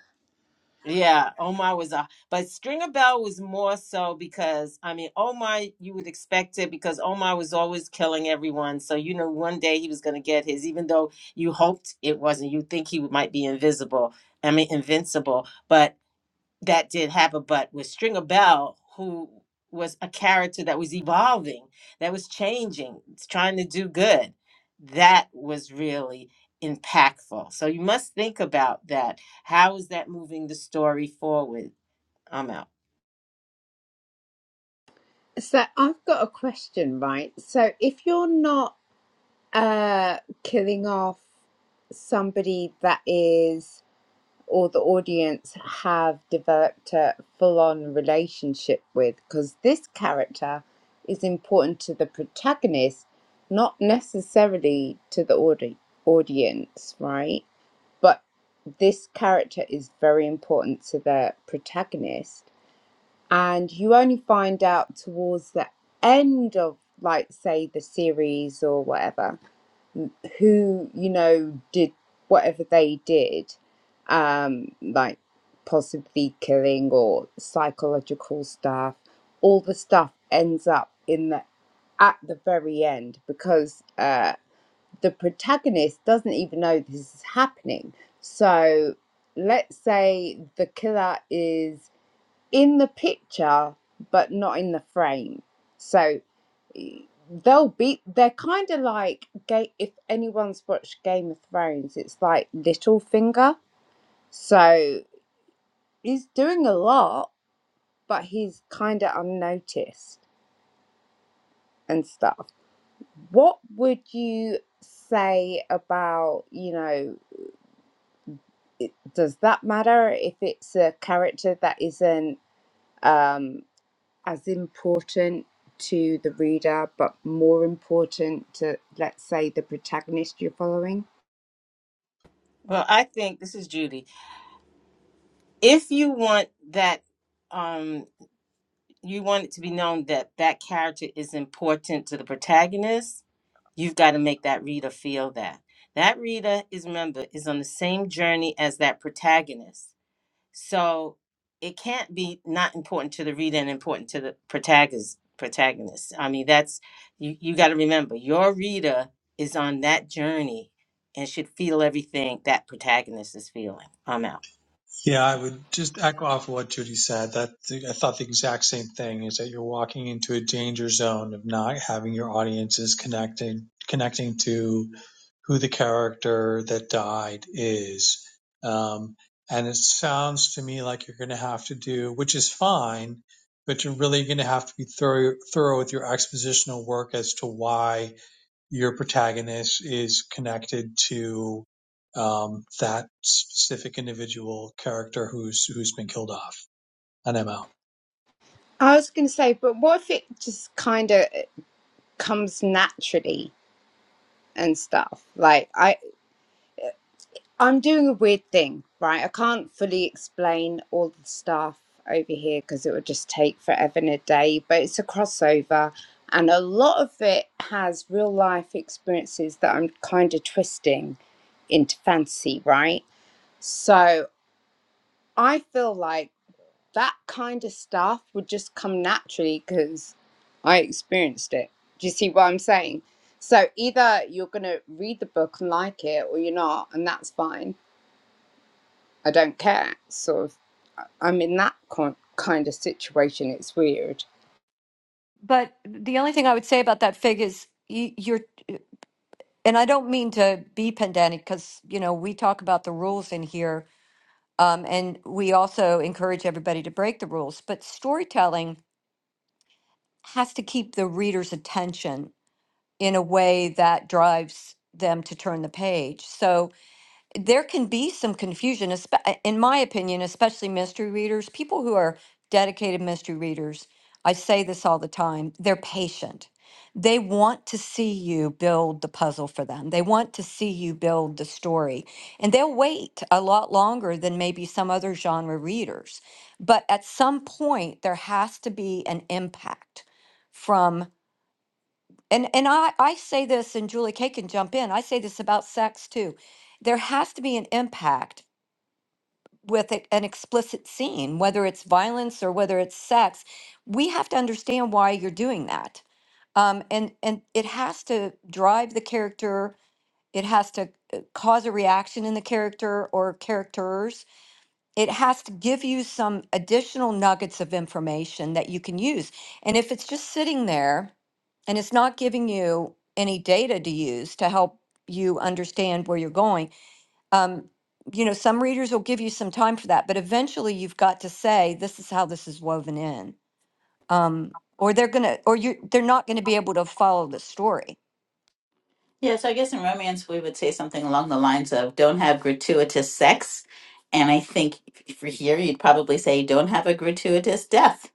B: Yeah, Omar was a, but Stringer Bell was more so because I mean Omar, you would expect it because Omar was always killing everyone. So you know, one day he was going to get his, even though you hoped it wasn't. You think he might be invisible. I mean, invincible, but that did have a butt was Stringer Bell, who was a character that was evolving, that was changing, trying to do good. That was really impactful. So you must think about that. How is that moving the story forward? I'm out.
I: So I've got a question, right? So if you're not uh killing off somebody that is or the audience have developed a full-on relationship with, because this character is important to the protagonist, not necessarily to the audi- audience, right? But this character is very important to the protagonist and you only find out towards the end of like say the series or whatever who you know did whatever they did um like possibly killing or psychological stuff all the stuff ends up in the at the very end because uh the protagonist doesn't even know this is happening so let's say the killer is in the picture but not in the frame so eh, they'll be they're kind of like ga- if anyone's watched game of thrones it's like Littlefinger. so he's doing a lot but he's kind of unnoticed and stuff what would you say about you know it, does that matter if it's a character that isn't um as important to the reader, but more important to, let's say, the protagonist you're following?
B: Well, I think this is Judy. If you want that, um, you want it to be known that that character is important to the protagonist You've got to make that reader feel that. That reader is, remember, is on the same journey as that protagonist. So it can't be not important to the reader and important to the protagonist. Protagonist. I mean, that's you. You got to remember, your reader is on that journey and should feel everything that protagonist is feeling. I'm out.
C: Yeah, I would just echo off of what Judy said. That I thought the exact same thing is that you're walking into a danger zone of not having your audiences connecting connecting to who the character that died is. Um, and it sounds to me like you're going to have to do, which is fine, but you're really going to have to be thorough, thorough with your expositional work as to why your protagonist is connected to um, that specific individual character who's who's been killed off. And I'm out.
I: I was going to say, but what if it just kind of comes naturally and stuff? Like I I'm doing a weird thing, right? I can't fully explain all the stuff over here because it would just take forever and a day, but it's a crossover and a lot of it has real life experiences that I'm kind of twisting into fantasy, right? So I feel like that kind of stuff would just come naturally because I experienced it. Do you see what I'm saying? So either you're going to read the book and like it or you're not, and that's fine I don't care. Sort of, I'm in that con- kind of situation. It's weird.
G: But the only thing I would say about that fig is you, you're, and I don't mean to be pedantic because you know we talk about the rules in here, um, and we also encourage everybody to break the rules. But storytelling has to keep the reader's attention in a way that drives them to turn the page. So there can be some confusion, espe- uh, in my opinion, especially mystery readers, people who are dedicated mystery readers. I say this all the time they're patient. They want to see you build the puzzle for them, they want to see you build the story, and they'll wait a lot longer than maybe some other genre readers. But at some point, there has to be an impact. And and I I say this, and Julie Kay can jump in. I say this about sex too. There has to be an impact with a- an explicit scene, whether it's violence or whether it's sex. We have to understand why you're doing that, um, and and it has to drive the character. It has to uh, cause a reaction in the character or characters it has to give you some additional nuggets of information that you can use. And if it's just sitting there and it's not giving you any data to use to help you understand where you're going, um, you know, some readers will give you some time for that, but eventually you've got to say, this is how this is woven in. Um, or they're gonna, or you, they're not gonna be able to follow the story.
E: Yeah, so I guess in romance, we would say something along the lines of don't have gratuitous sex. And I think for here, you'd probably say don't have a gratuitous death.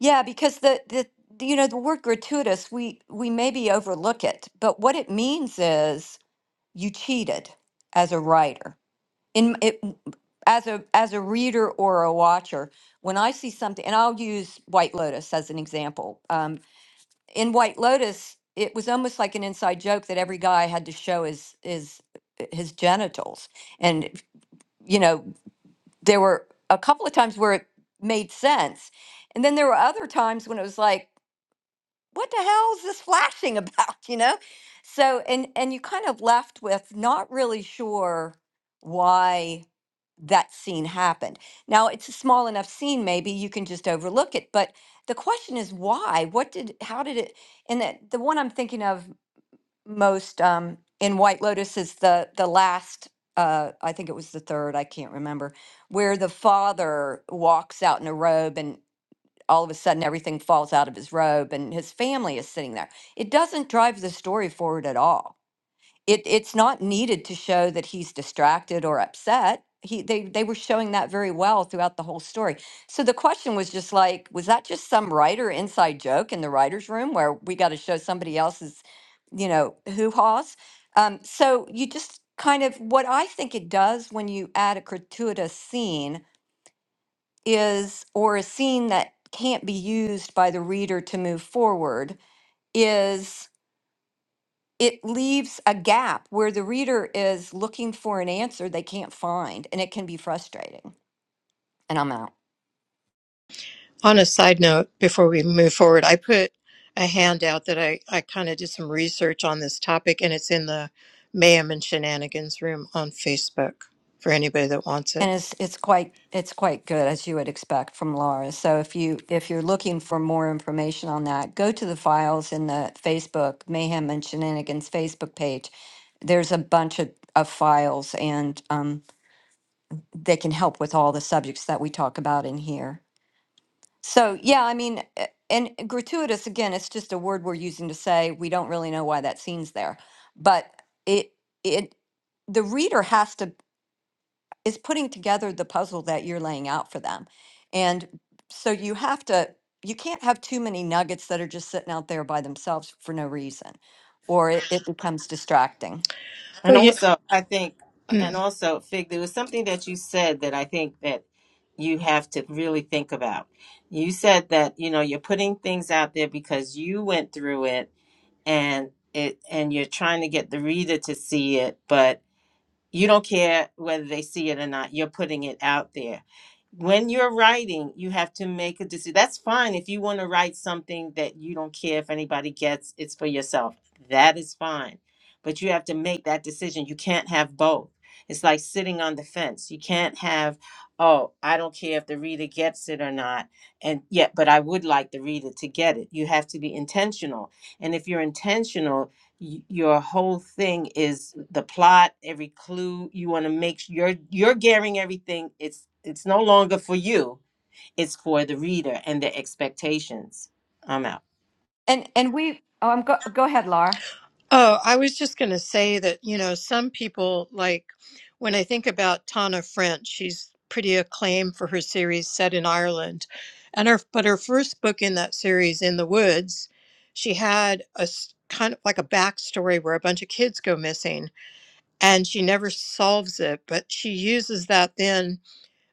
G: Yeah, because the, the, the- you know, the word gratuitous, we, we maybe overlook it, but what it means is you cheated as a writer in it as a as a reader or a watcher when i see something and i'll use white lotus as an example um, in white lotus it was almost like an inside joke that every guy had to show his his his genitals and you know there were a couple of times where it made sense and then there were other times when it was like what the hell is this flashing about *laughs* you know so and and you kind of left with not really sure why that scene happened now it's a small enough scene maybe you can just overlook it but the question is why what did how did it and the, the one i'm thinking of most um in white lotus is the the last uh i think it was the third i can't remember where the father walks out in a robe and all of a sudden everything falls out of his robe and his family is sitting there. It doesn't drive the story forward at all. It it's not needed to show that he's distracted or upset. He they they were showing that very well throughout the whole story. So the question was just like, was that just some writer inside joke in the writer's room where we got to show somebody else's, you know, hoo haws? Um, so you just kind of what I think it does when you add a gratuitous scene is, or a scene that can't be used by the reader to move forward, is it leaves a gap where the reader is looking for an answer they can't find, and it can be frustrating. And I'm out.
A: On a side note, before we move forward, I put a handout that I, I kind of did some research on this topic, and it's in the Mayhem and Shenanigans room on Facebook for anybody that wants
G: And
A: it.
G: it's it's quite it's quite good as you would expect from Laura. So if you if you're looking for more information on that, go to the files in the Facebook Mayhem and Shenanigans Facebook page. There's a bunch of, of files and um, they can help with all the subjects that we talk about in here. So, yeah, I mean, uh, and gratuitous, again, it's just a word we're using to say we don't really know why that scene's there. But it, it, the reader has to, is putting together the puzzle that you're laying out for them. And so you have to, you can't have too many nuggets that are just sitting out there by themselves for no reason, or it, it becomes distracting.
B: And
A: Well, you,
B: also, I think,
A: *clears throat*
B: and also, Fig, there was something that you said that I think that you have to really think about. You said that, you know, you're putting things out there because you went through it and it and you're trying to get the reader to see it, but you don't care whether they see it or not. You're putting it out there. When you're writing, you have to make a decision. That's fine if you want to write something that you don't care if anybody gets, it's for yourself. That is fine. But you have to make that decision. You can't have both. It's like sitting on the fence. You can't have, oh, I don't care if the reader gets it or not. And yet, but I would like the reader to get it. You have to be intentional. And if you're intentional, y- your whole thing is the plot every clue you want to make sure you're you're gearing everything it's it's no longer for you it's for the reader and their expectations i'm out
G: And, and we, oh, I'm go, go ahead, Laura.
A: oh, I was just going to say that, you know, some people like when I think about Tana French, she's pretty acclaimed for her series set in Ireland. And her, but her first book in that series, In the Woods, she had a s- kind of like a backstory where a bunch of kids go missing and she never solves it but she uses that then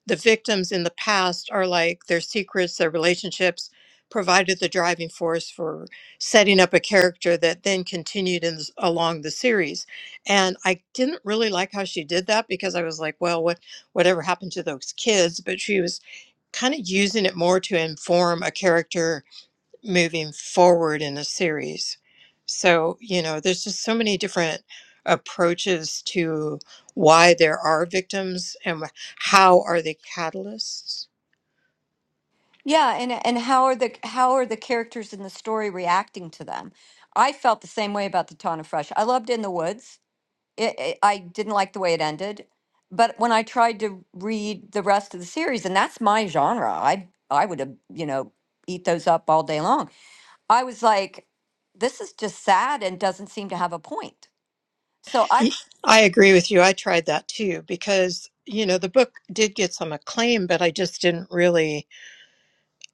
A: the victims in the past are like their secrets their relationships provided the driving force for setting up a character that then continued in, s- along the series and i didn't really like how she did that because i was like well what whatever happened to those kids but she was kind of using it more to inform a character moving forward in a series. So, you know, there's just so many different approaches to why there are victims and how are they catalysts.
G: Yeah, and and how are the how are the characters in the story reacting to them? I felt the same way about the Ton Fresh. I loved In the Woods. It, it, I didn't like the way it ended, but when I tried to read the rest of the series, and that's my genre, I I would have you know eat those up all day long. I was like, this is just sad and doesn't seem to have a point. So I
A: I agree with you. I tried that too because, you know, the book did get some acclaim, but I just didn't really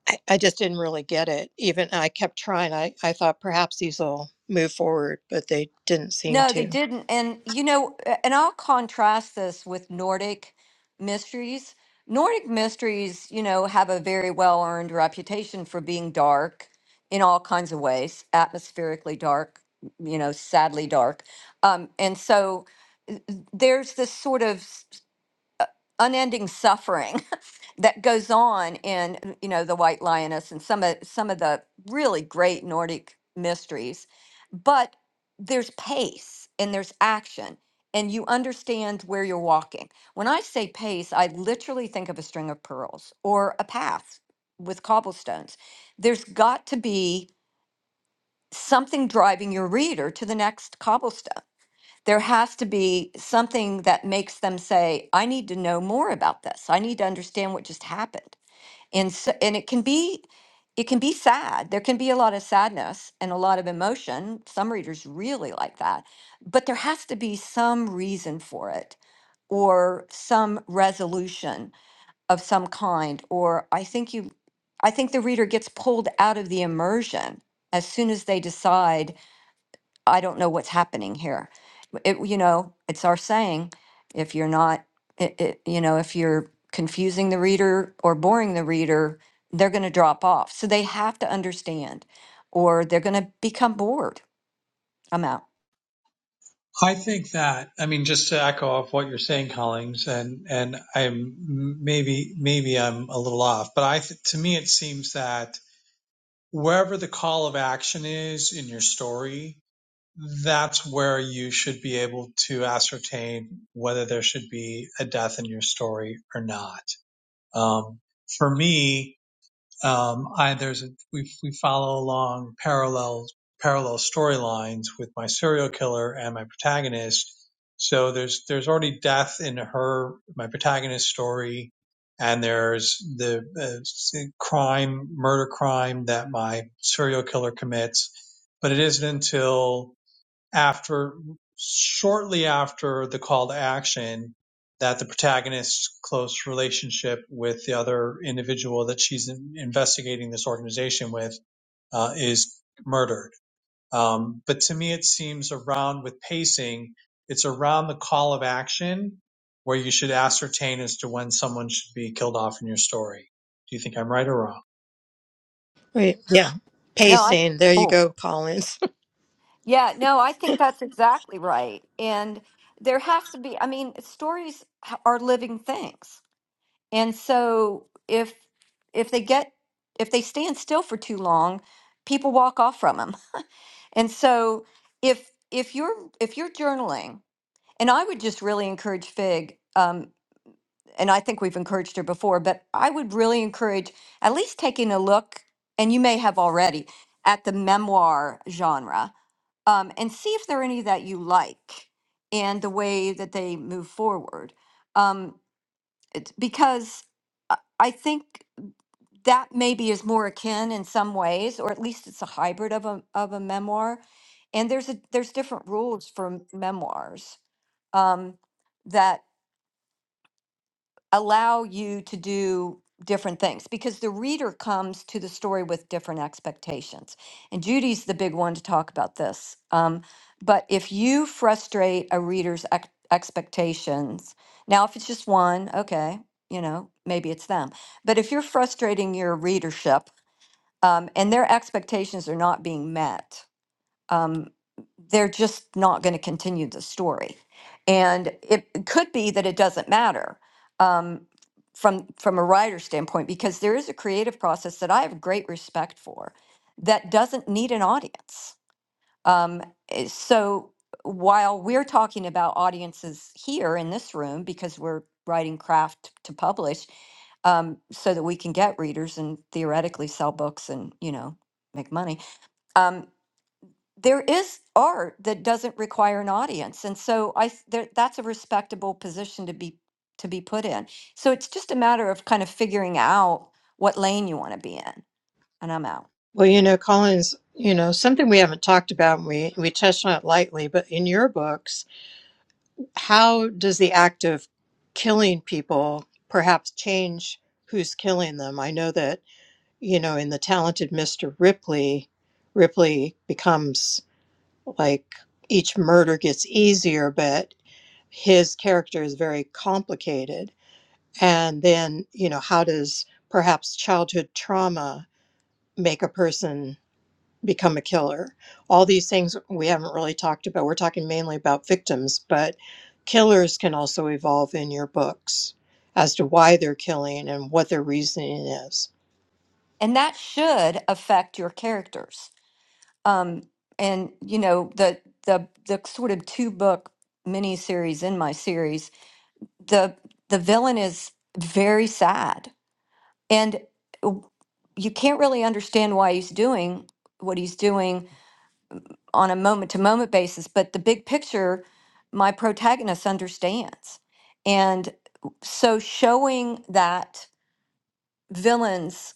A: I, I just didn't really get it. Even I kept trying. I, I thought perhaps these will move forward, but they didn't seem
G: No, they
A: to.
G: didn't. And you know, a- and I'll contrast this with Nordic mysteries. Nordic mysteries, you know, have a very well earned reputation for being dark in all kinds of ways, atmospherically dark, you know, sadly dark. Um, and so uh, uh, there's this sort of s- unending suffering *laughs* that goes on in mm, you know the white lioness and some of some of the really great nordic mysteries but there's pace and there's action and you understand where you're walking when i say pace i literally think of a string of pearls or a path with cobblestones there's got to be something driving your reader to the next cobblestone there has to be something that makes them say i need to know more about this i need to understand what just happened and so, and it can be it can be sad there can be a lot of sadness and a lot of emotion some readers really like that but there has to be some reason for it or some resolution of some kind or i think you i think the reader gets pulled out of the immersion as soon as they decide I don't know what's happening here. It, you know, it's our saying, if you're not, it, it, you know, if you're confusing the reader or boring the reader, they're going to drop off. So they have to understand, or they're going to become bored. I'm out.
C: I think that, I mean, just to echo off what you're saying, Collings, and, and I'm maybe, maybe I'm a little off, but I, th- to me, it seems that wherever the call of action is in your story, that's where you should be able to ascertain whether there should be a death in your story or not. Um, for me, um, I, there's a, we, we follow along parallel parallel storylines with my serial killer and my protagonist. So there's there's already death in her my protagonist story, and there's the uh, crime murder crime that my serial killer commits. But it isn't until after shortly after the call to action that the protagonist's close relationship with the other individual that she's investigating this organization with uh, is murdered. Um, but to me, it seems around with pacing, it's around the call of action where you should ascertain as to when someone should be killed off in your story. Do you think I'm right or wrong?
A: Wait, yeah.
G: No, I.
A: Pacing. There you
G: Oh,
A: go, Colin. *laughs*
G: yeah. No, I think that's exactly right. And there has to be. I mean, stories h- are living things, and so if if they get if they stand still for too long, people walk off from them. And so if if you're if you're journaling, and I would just really encourage Fig, um, and I think we've encouraged her before, but I would really encourage at least taking a look, and you may have already, at the memoir genre, um, and see if there are any that you like and the way that they move forward. Um, because I I think that maybe is more akin in some ways, or at least it's a hybrid of a of a memoir. And there's a there's different rules for m- memoirs um, that allow you to do different things because the reader comes to the story with different expectations. And Judy's the big one to talk about this. Um, but if you frustrate a reader's ex- expectations, now if it's just one, okay, you know, maybe it's them. But if you're frustrating your readership um, and their expectations are not being met, um, they're just not going to continue the story. And it, it could be that it doesn't matter um, from from a writer's standpoint because there is a creative process that I have great respect for that doesn't need an audience. Um, eh, so while we're talking about audiences here in this room because we're writing craft to publish um, so that we can get readers and theoretically sell books and you know make money. Um, there is art that doesn't require an audience, and so I s- there, that's a respectable position to be to be put in. So it's just a matter of kind of figuring out what lane you want to be in, and I'm out.
A: Well, you know, Collins, you know, something we haven't talked about, and we, we touched on it lightly, but in your books, how does the act of killing people perhaps change who's killing them? I know that, you know, in The Talented Mr. Ripley, Ripley becomes like each murder gets easier, but his character is very complicated. And then, you know, how does perhaps childhood trauma make a person? become a killer. All these things we haven't really talked about. We're talking mainly about victims, but killers can also evolve in your books as to why they're killing and what their reasoning is.
G: And that should affect your characters. Um, and you know the the the sort of two book miniseries in my series, the the villain is very sad And w- you can't really understand why he's doing what he's doing on a moment to moment basis, but the big picture, my protagonist understands. And so showing that villain's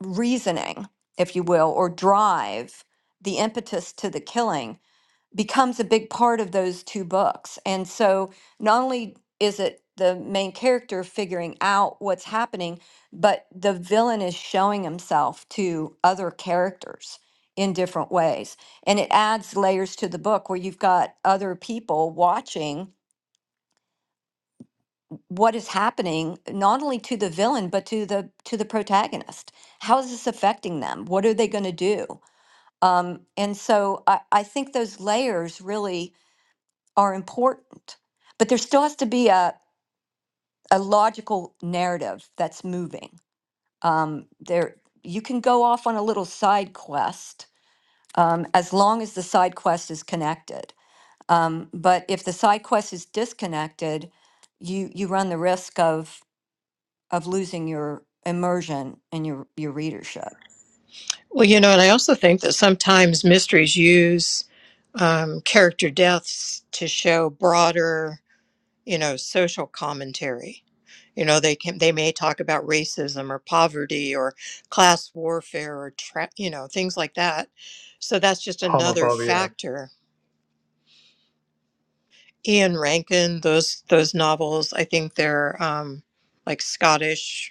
G: reasoning, if you will, or drive, the impetus to the killing becomes a big part of those two books. And so not only is it the main character figuring out what's happening, but the villain is showing himself to other characters in different ways. And it adds layers to the book where you've got other people watching what is happening not only to the villain but to the to the protagonist how is this affecting them what are they going to do um, and so I, I think those layers really are important, but there still has to be a, a logical narrative that's moving. Um, there, you can go off on a little side quest um, as long as the side quest is connected. Um, but if the side quest is disconnected, you you run the risk of of losing your immersion and your your readership.
A: Well, you know, and I also think that sometimes mysteries use um, character deaths to show broader you know, social commentary. You know, they can they may talk about racism or poverty or class warfare or tra- you know things like that. So that's just another
C: Homophobia.
A: factor. Ian Rankin, those those novels, I think they're um, like Scottish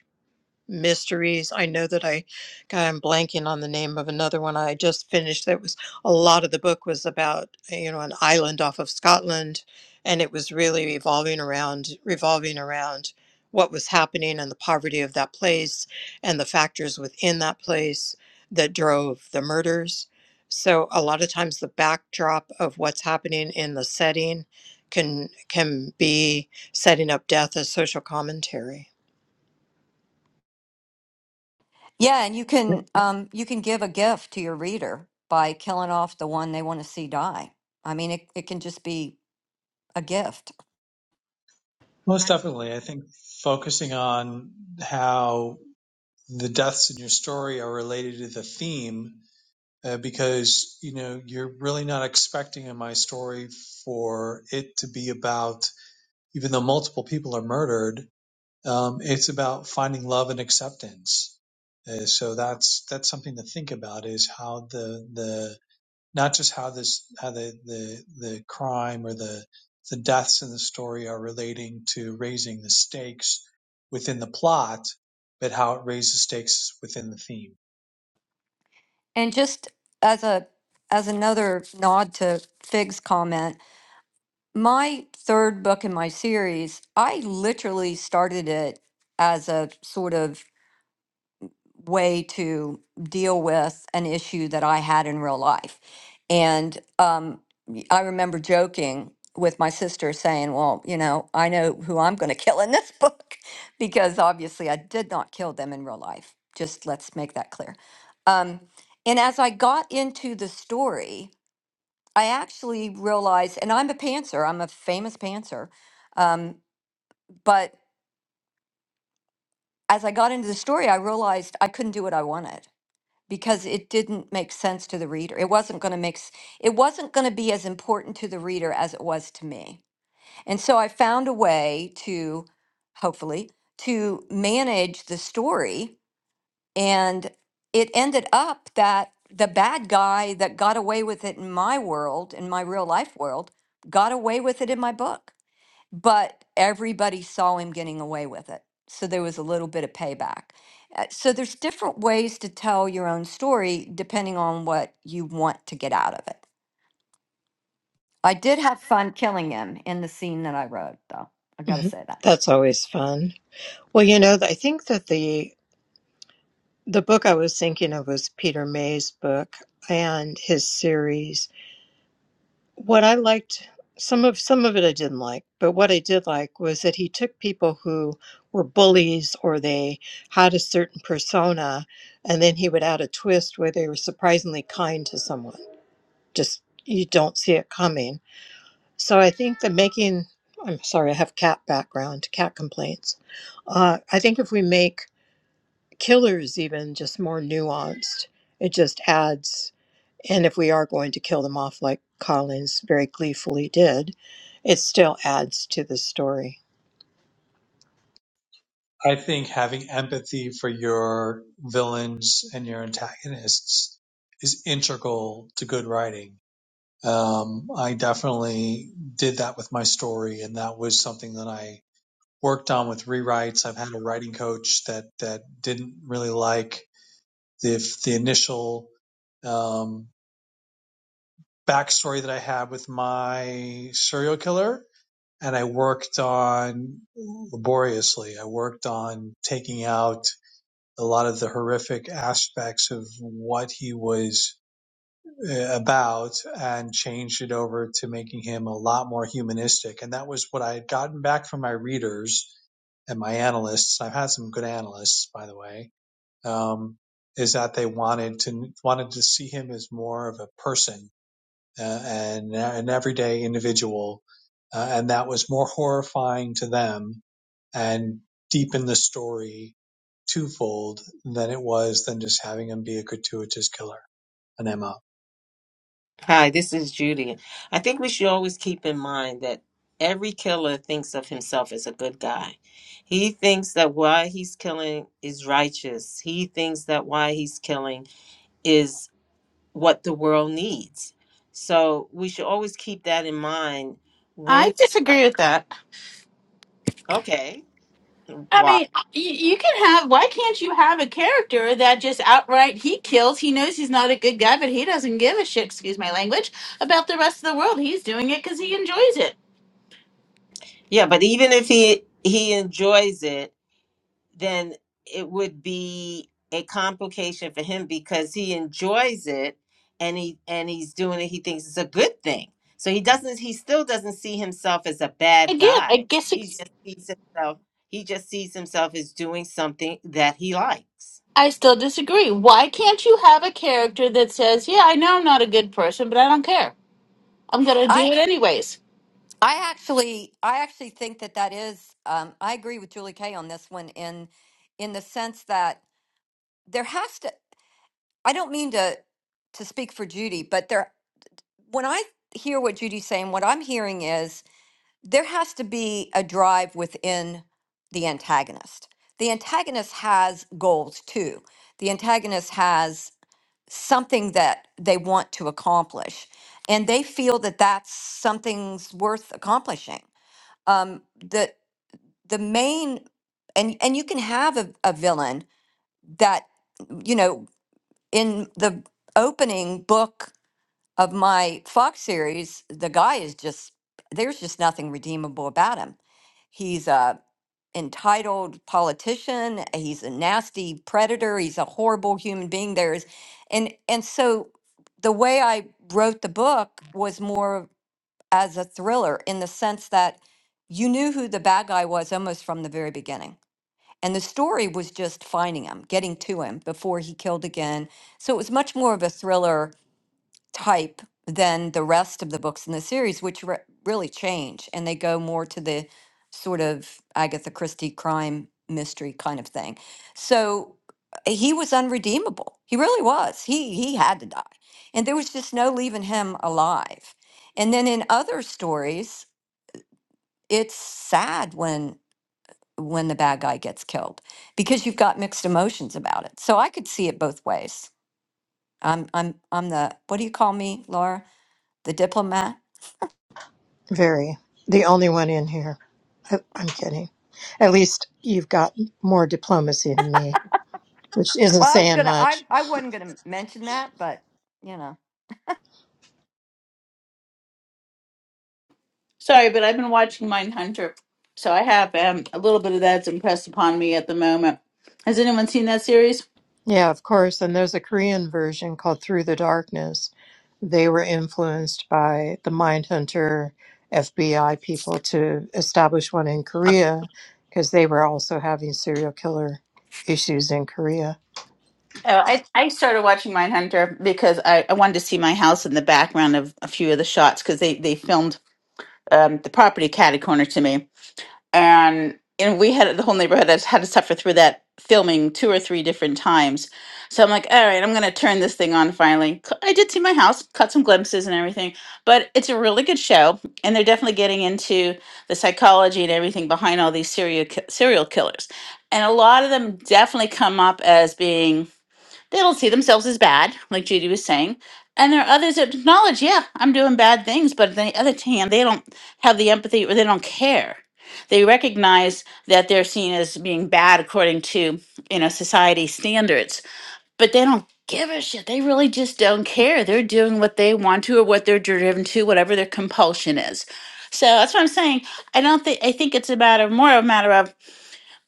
A: mysteries. I know that I, God, I'm blanking on the name of another one I just finished. That was a lot of the book was about you know an island off of Scotland, and it was really revolving around revolving around what was happening and the poverty of that place and the factors within that place that drove the murders. So a lot of times the backdrop of what's happening in the setting can can be setting up death as social commentary.
G: Yeah, and you can um, you can give a gift to your reader by killing off the one they want to see die. I mean, it, it can just be a gift.
C: Most definitely. I think focusing on how the deaths in your story are related to the theme uh, because you know you're really not expecting in my story for it to be about even though multiple people are murdered um, it's about finding love and acceptance uh, so that's that's something to think about is how the not just how this how the the the crime or the the deaths in the story are relating to raising the stakes within the plot, but how it raises stakes within the theme.
G: And just as a as another nod to Fig's comment, my third book in my series, I literally started it as a sort of way to deal with an issue that I had in real life. And um, y- I remember joking with my sister saying, Well, you know, I know who I'm going to kill in this book *laughs* because obviously I did not kill them in real life. Just let's make that clear. Um, and as I got into the story, I actually realized, and I'm a pantser, I'm a famous pantser. Um, but as I got into the story, I realized I couldn't do what I wanted. because it didn't make sense to the reader. It wasn't going to make s- it wasn't going to be as important to the reader as it was to me. And so I found a way to hopefully to manage the story and it ended up that the bad guy that got away with it in my world, in my real life world, got away with it in my book but everybody saw him getting away with it. So there was a little bit of payback. Uh, So there's different ways to tell your own story depending on what you want to get out of it. I did have fun killing him in the scene that I wrote, though. I got to
A: Mhm.
G: say that.
A: That's always fun. Well, you know, I think that the the book I was thinking of was Peter May's book and his series. What I liked some of some of it I didn't like, but what I did like was that he took people who were bullies or they had a certain persona and then he would add a twist where they were surprisingly kind to someone. Just you don't see it coming. So I think that making, I'm sorry, I have cat background, cat complaints. Uh, I think if we make killers even just more nuanced, it just adds, and if we are going to kill them off like Collins very gleefully did, it still adds to the story.
C: I think having empathy for your villains and your antagonists is integral to good writing. Um, I definitely did that with my story, and that was something that I worked on with rewrites. I've had a writing coach that that didn't really like the the initial um, backstory that I had with my serial killer, and I worked on laboriously. I worked on taking out a lot of the horrific aspects of what he was uh, about and changed it over to making him a lot more humanistic. And that was what I had gotten back from my readers and my analysts. I've had some good analysts, by the way um, is that they wanted to wanted to see him as more of a person uh, and an everyday individual, uh, and that was more horrifying to them and deepened the story twofold than it was than just having him be a gratuitous killer, an MO.
B: hi this is judy i think we should always keep in mind that every killer thinks of himself as a good guy he thinks that why he's killing is righteous he thinks that why he's killing is. what the world needs. So we should always keep that in mind
E: i
B: when like,
E: disagree with that
B: okay,
E: I
B: why?
E: mean, you, you can have, why can't you have a character that just outright he kills? He knows he's not a good guy, but he doesn't give a shit, excuse my language, about the rest of the world. He's doing it because he enjoys it.
B: Yeah, but even if he he enjoys it, then it would be a complication for him because he enjoys it and he and he's doing it he thinks it's a good thing. So he doesn't he still doesn't see himself as a bad
E: Again, I
B: guy. He
E: guess.
B: just sees himself he just sees himself as doing something that he likes.
E: I still disagree. Why can't you have a character that says, "Yeah, I know I'm not a good person, but I don't care. I'm gonna do
G: I
E: it anyways."
G: I actually I actually think that that is um, I agree with Julie Kay on this one in in the sense that there has to I don't mean to to speak for Judy, but there when I hear what Judy's saying, what I'm hearing is there has to be a drive within the antagonist. The antagonist has goals too. The antagonist has something that they want to accomplish, and they feel that that's something's worth accomplishing. Um, the the main and and you can have a, a villain that you know in the opening book of my Fox series, the guy is just there's just nothing redeemable about him. He's a entitled politician, he's a nasty predator, he's a horrible human being. There's and and so the way I wrote the book was more as a thriller in the sense that you knew who the bad guy was almost from the very beginning. And the story was just finding him, getting to him before he killed again. So it was much more of a thriller type than the rest of the books in the series, which re- really change and they go more to the sort of Agatha Christie crime mystery kind of thing. So uh, he was unredeemable. He really was. He he had to die, and there was just no leaving him alive. And then in other stories, it's sad when when the bad guy gets killed because you've got mixed emotions about it. So I could see it both ways. I'm I'm I'm the what do you call me, Laura? The diplomat.
A: Very. The only one in here. I, I'm kidding. At least you've got more diplomacy than me, which isn't
G: Well, I was
A: saying
G: gonna.
A: much.
G: I I wasn't gonna mention that, but you know.
E: Sorry, but I've been watching Mindhunter, so I have um, a little bit of that's impressed upon me at the moment. Has anyone seen that series?
A: Yeah, of course. And there's a Korean version called Through the Darkness. They were influenced by the Mindhunter FBI people to establish one in Korea because they were also having serial killer issues in Korea.
E: Oh, I, I started watching Mindhunter because I, I wanted to see my house in the background of a few of the shots because they, they filmed um, the property catty corner to me. and and we had the whole neighborhood has had to suffer through that filming two or three different times. So I'm like, all right, I'm gonna turn this thing on finally. C- I did see my house, cut some glimpses and everything, but it's a really good show, and they're definitely getting into the psychology and everything behind all these serial ki- serial killers, and a lot of them definitely come up as being they don't see themselves as bad, like Judy was saying. And there are others that acknowledge, yeah, I'm doing bad things, but on the other hand, they don't have the empathy or they don't care. They recognize that they're seen as being bad according to, you know, society standards, but they don't give a shit. They really just don't care. They're doing what they want to or what they're driven to, whatever their compulsion is. So that's what I'm saying. I don't think I think it's a matter more a matter of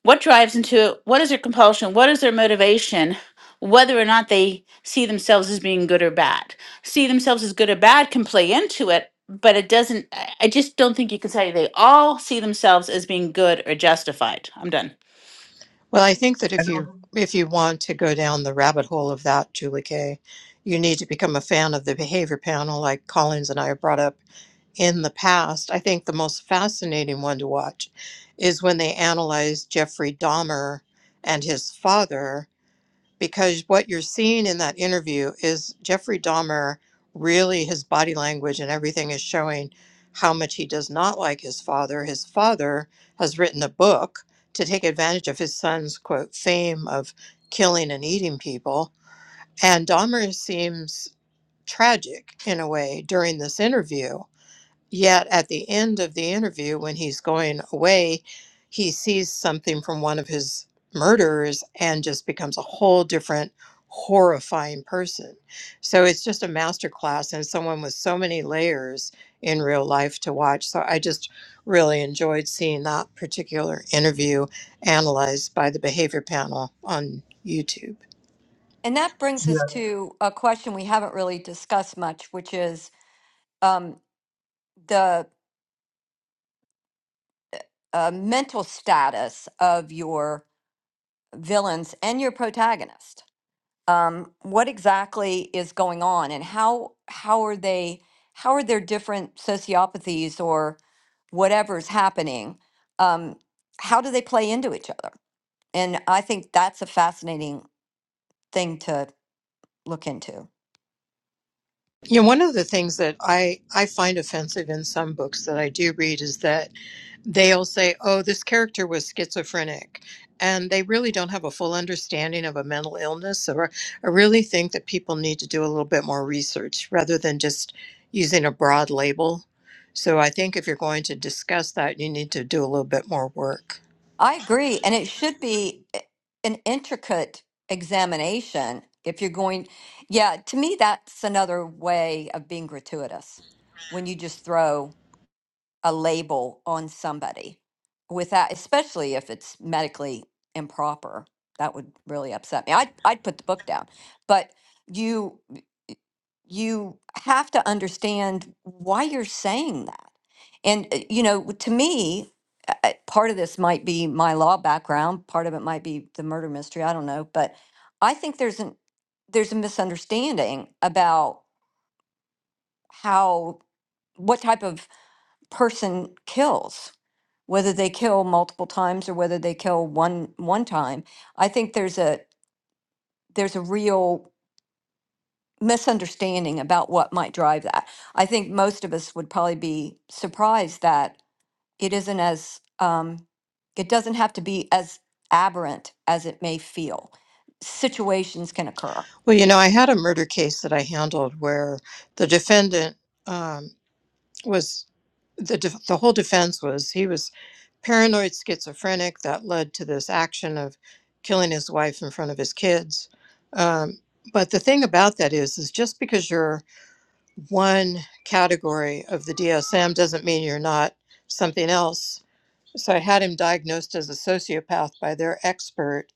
E: what drives into what is their compulsion what is their motivation whether or not they see themselves as being good or bad see themselves as good or bad can play into it but it doesn't i I just don't think you can say they all see themselves as being good or justified i'm done
A: Well, I think that if you if you want to go down the rabbit hole of that, Julie Kay, you need to become a fan of the behavior panel like Collins and I brought up in the past. I think the most fascinating one to watch is when they analyze Jeffrey Dahmer and his father, because what you're seeing in that interview is Jeffrey Dahmer really, his body language and everything is showing how much he does not like his father. His father has written a book to take advantage of his son's quote fame of killing and eating people. And Dahmer seems tragic in a way during this interview Yet at the end of the interview, when he's going away, he sees something from one of his murderers and just becomes a whole different horrifying person. So it's just a masterclass and someone with so many layers in real life to watch. So I just really enjoyed seeing that particular interview analyzed by the behavior panel on YouTube.
G: And that brings us to a question we haven't really discussed much, which is um, the uh, mental status of your villains and your protagonist. Um, what exactly is going on, and how how are they? How are their different sociopathies or whatever's happening? Um, how do they play into each other? And I think that's a fascinating thing to look into.
A: You know, one of the things that I, I find offensive in some books that I do read is that they'll say, oh, this character was schizophrenic. And they really don't have a full understanding of a mental illness. So I really think that people need to do a little bit more research rather than just using a broad label. So I think if you're going to discuss that, you need to do a little bit more work.
G: I agree. And it should be an intricate examination if you're going, yeah, to me, that's another way of being gratuitous when you just throw a label on somebody with that, especially if it's medically improper. That would really upset me. I'd, I'd put the book down. But you you have to understand why you're saying that. And, uh, you know, to me, uh, uh, part of this might be my law background, part of it might be the murder mystery, I don't know, but I think there's an there's a misunderstanding about how what type of person kills, whether they kill multiple times or whether they kill one one time. I think there's a there's a real misunderstanding about what might drive that. I think most of us would probably be surprised that it isn't as, um, it doesn't have to be as aberrant as it may feel. Situations can occur.
A: Well, you know, I had a murder case that I handled where the defendant. um, was the def- the whole defense was he was paranoid schizophrenic that led to this action of killing his wife in front of his kids. Um, but the thing about that is, is just because you're one category of the DSM doesn't mean you're not something else. So I had him diagnosed as a sociopath by their expert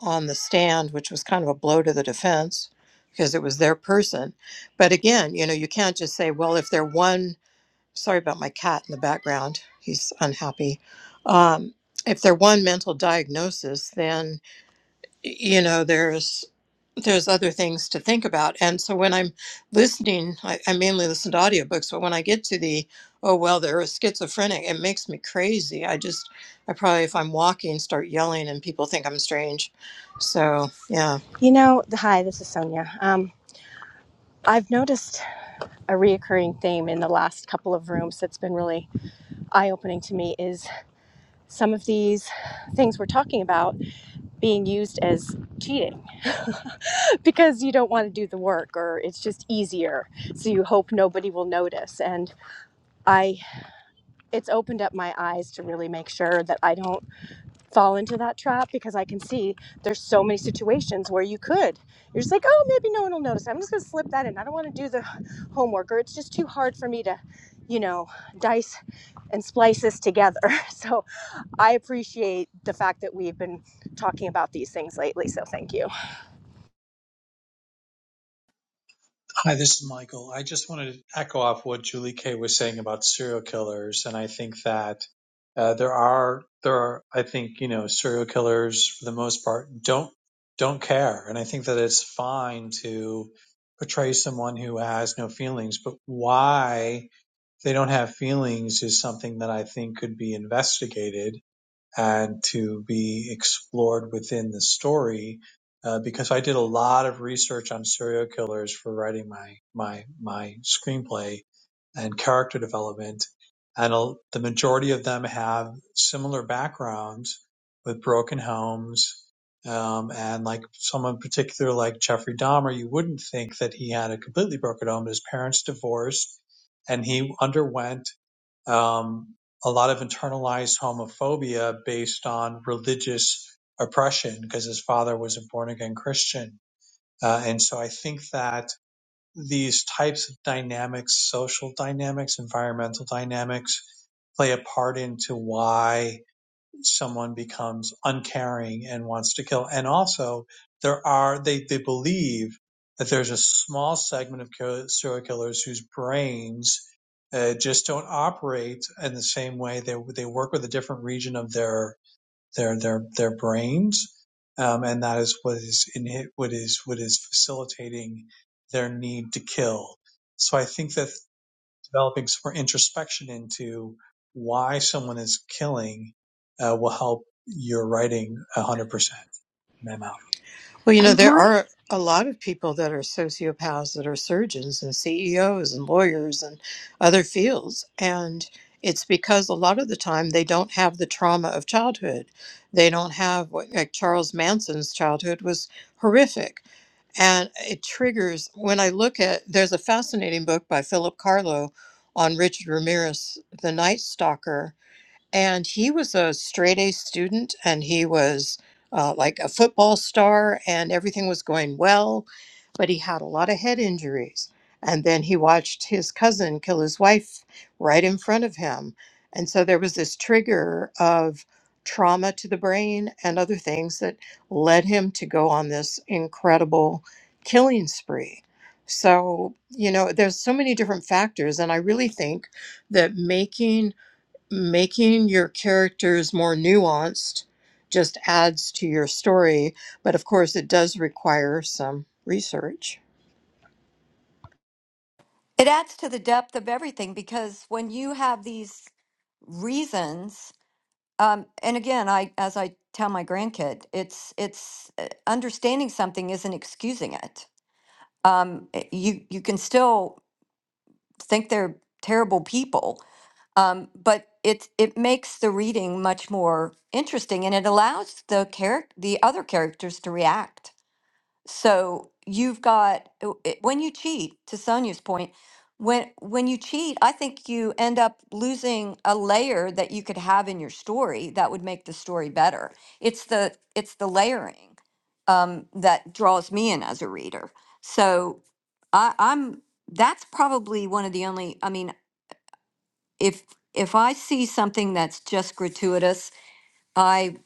A: on the stand, which was kind of a blow to the defense because it was their person. But again, you know, you can't just say, well, if they're one sorry about my cat in the background. He's unhappy. Um, if they're one mental diagnosis, then y- you know there's there's other things to think about. And so when I'm listening, I, I mainly listen to audiobooks, but when I get to the oh well, they're a schizophrenic, it makes me crazy. I just I probably if I'm walking start yelling and people think I'm strange. So yeah.
J: You know, hi, this is Sonia. Um, I've noticed a reoccurring theme in the last couple of rooms that's been really eye opening to me is some of these things we're talking about being used as cheating *laughs* because you don't want to do the work or it's just easier. So you hope nobody will notice. And I, it's opened up my eyes to really make sure that I don't. fall into that trap because I can see there's so many situations where you could. You're just like, oh, maybe no one will notice. I'm just going to slip that in. I don't want to do the *laughs* homework, or it's just too hard for me to, you know, dice and splice this together. *laughs* So I appreciate the fact that we've been talking about these things lately. So thank you.
C: Hi, this is Michael. I just wanted to echo off what Julie Kay was saying about serial killers, and I think that uh, there are there are I think you know serial killers for the most part don't don't care, and I think that it's fine to portray someone who has no feelings, but why they don't have feelings is something that I think could be investigated and to be explored within the story. Uh, because I did a lot of research on serial killers for writing my my my screenplay and character development, and a, the majority of them have similar backgrounds with broken homes. Um, and like someone particular, like Jeffrey Dahmer, you wouldn't think that he had a completely broken home. His parents divorced, and he underwent um, a lot of internalized homophobia based on religious oppression because his father was a born again Christian. Uh, and so I think that these types of dynamics, social dynamics, environmental dynamics, play a part into why someone becomes uncaring and wants to kill. And also, there are they they believe that there's a small segment of kill- serial killers whose brains uh, just don't operate in the same way. They they work with a different region of their their their their brains, um, and that is what is in what is what is facilitating their need to kill. So I think that developing some more introspection into why someone is killing uh, will help your writing 100% out.
A: Well, you know,
I: Um,
A: there
I: Mike,
A: are a lot of people that are sociopaths that are surgeons and CEOs and lawyers and other fields. And it's because a lot of the time they don't have the trauma of childhood. They don't have what, like Charles Manson's childhood was horrific. And it triggers when I look at there's a fascinating book by Philip Carlo on Richard Ramirez, The Night Stalker and he was a straight A student, and he was uh, like a football star, and everything was going well, but he had a lot of head injuries. And then he watched his cousin kill his wife right in front of him. And so there was this trigger of trauma to the brain and other things that led him to go on this incredible killing spree. So, you know, there's so many different factors. And I really think that making making your characters more nuanced just adds to your story, but of course, it does require some research.
G: It adds to the depth of everything because when you have these reasons, um, and again, I as I tell my grandkid, it's it's uh, understanding something isn't excusing it. Um, it- you you can still think they're terrible people, Um, but it it makes the reading much more interesting, and it allows the character the other characters to react. So you've got w- it- when you cheat, to Sonia's point, when when you cheat, I think you end up losing a layer that you could have in your story that would make the story better. It's the it's the layering um, that draws me in as a reader. So I, I'm that's probably one of the only. I mean, if if I see something that's just gratuitous, I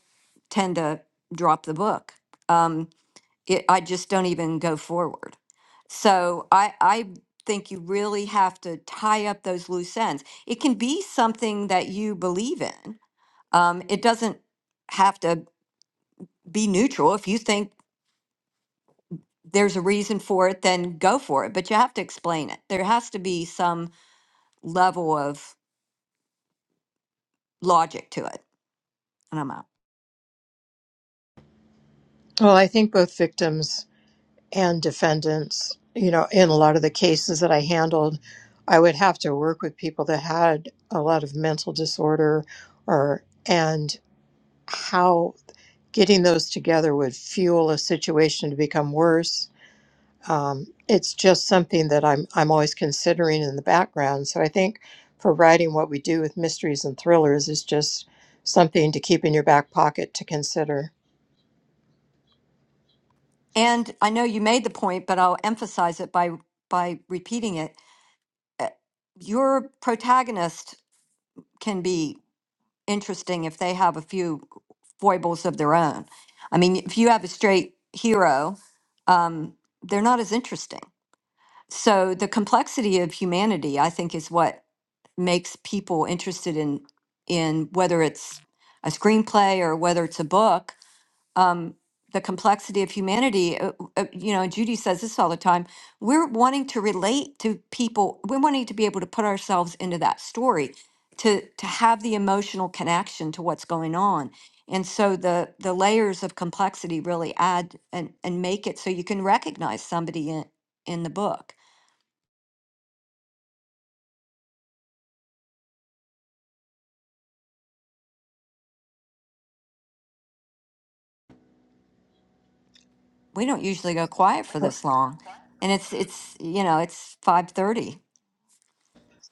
G: tend to drop the book. Um, it, I just don't even go forward. So I I think you really have to tie up those loose ends. It can be something that you believe in. Um, it doesn't have to be neutral. If you think there's a reason for it, then go for it. But you have to explain it. There has to be some level of logic to it. And I'm out.
A: Well, I think both victims and defendants, you know, in a lot of the cases that I handled, I would have to work with people that had a lot of mental disorder or, and how getting those together would fuel a situation to become worse um, it's just something that I'm I'm always considering in the background. So I think for writing, what we do with mysteries and thrillers is just something to keep in your back pocket to consider.
G: And I know you made the point, but I'll emphasize it by by repeating it. Uh, Your protagonist can be interesting if they have a few foibles of their own. I mean, if you have a straight hero, um, they're not as interesting. So the complexity of humanity, I think, is what makes people interested in in whether it's a screenplay or whether it's a book um, the complexity of humanity. Uh, uh, you know, Judy says this all the time. We're wanting to relate to people. We're wanting to be able to put ourselves into that story, to to have the emotional connection to what's going on. And so the the layers of complexity really add and and make it so you can recognize somebody in in the book. We don't usually go quiet for
A: Well,
G: this long, and it's it's you know it's five thirty.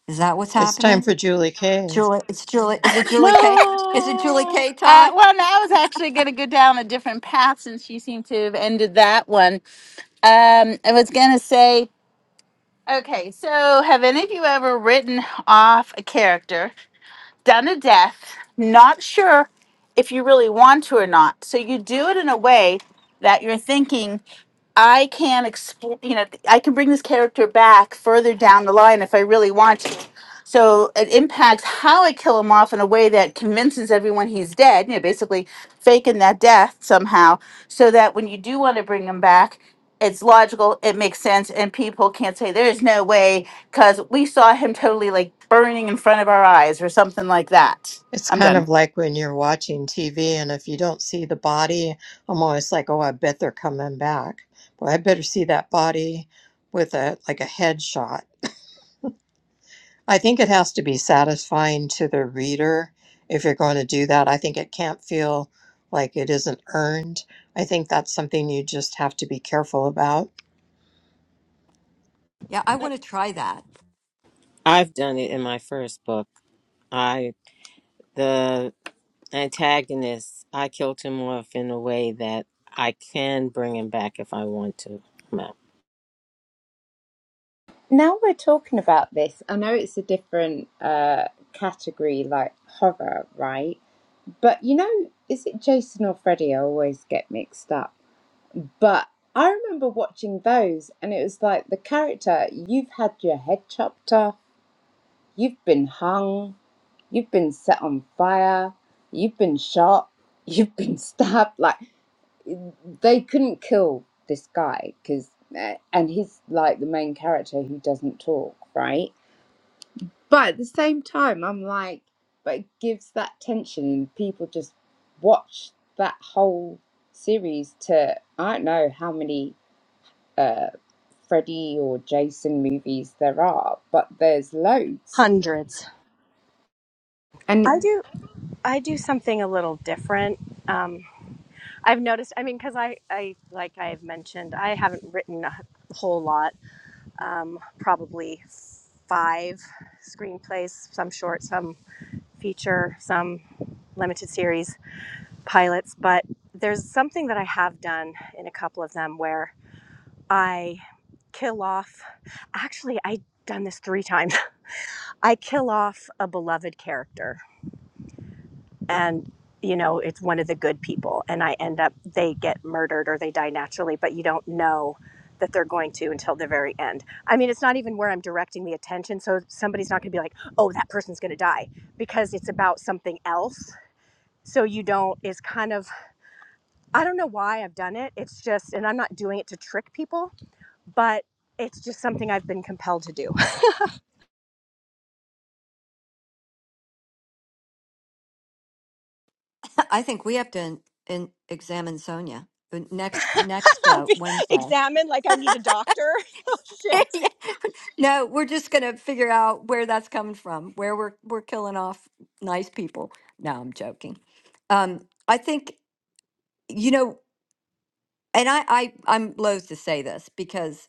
G: Is that what's
A: It's time
G: happening?
A: for Julie Kay.
G: Julie, it's Julie. Is it Julie K?
J: No,
G: Is it Julie K
E: Uh,
G: time?
E: well, no, I was actually going to go down a different path since you seem to have ended that one. Um, I was going to say, okay, so have any of you ever written off a character? done a death, not sure if you really want to or not. So you do it in a way that you're thinking I can explain, you know, I can bring this character back further down the line if I really want to. So it impacts how I kill him off in a way that convinces everyone he's dead, you know, basically faking that death somehow, so that when you do want to bring him back, it's logical, it makes sense, and people can't say there's no way because we saw him totally like burning in front of our eyes or something like that.
A: It's
E: I'm
A: kind
E: done.
A: of like when you're watching TV and if you don't see the body, I'm always like, oh, I bet they're coming back. Well, I better see that body with a like a headshot. I think it has to be satisfying to the reader if you're going to do that. I think it can't feel like it isn't earned. I think that's something you just have to be careful about.
G: Yeah, I want to try that.
B: I've done it in my first book. I the antagonist, I killed him off in a way that I can bring him back if I want to. No.
I: now we're talking about this. I know it's a different uh, category, like horror, right? But you know, is it Jason or Freddy? I always get mixed up. But I remember watching those, and it was like the character you've had your head chopped off, you've been hung, you've been set on fire, you've been shot, you've been *laughs* stabbed. Like they couldn't kill this guy because and he's like the main character who doesn't talk right but at the same time i'm like but it gives that tension and people just watch that whole series to i don't know how many uh freddy or jason movies there are but there's loads
J: hundreds.
I: and.
J: I do. I do something a little different. Um, I've noticed. I mean, because I, I, like I've mentioned, I haven't written a whole lot. Um, probably five screenplays, some short, some feature, some limited series pilots. But there's something that I have done in a couple of them where I kill off. Actually, I done this three times. *laughs* I kill off a beloved character and you know it's one of the good people and i end up they get murdered or they die naturally but you don't know that they're going to until the very end i mean it's not even where i'm directing the attention so somebody's not going to be like oh that person's going to die because it's about something else so you don't it's kind of i don't know why i've done it it's just and i'm not doing it to trick people but it's just something i've been compelled to do
G: *laughs* I think we have to in, in, examine Sonia uh,
J: *laughs*
G: next next uh,
J: Be-
G: Wednesday.
J: examine like i need a doctor *laughs* oh
G: *laughs*
J: shit
G: no, we're just gonna figure out where that's coming from. Where we're we're killing off nice people. No, I'm joking. Um, I think you know, and I, I I'm loath to say this because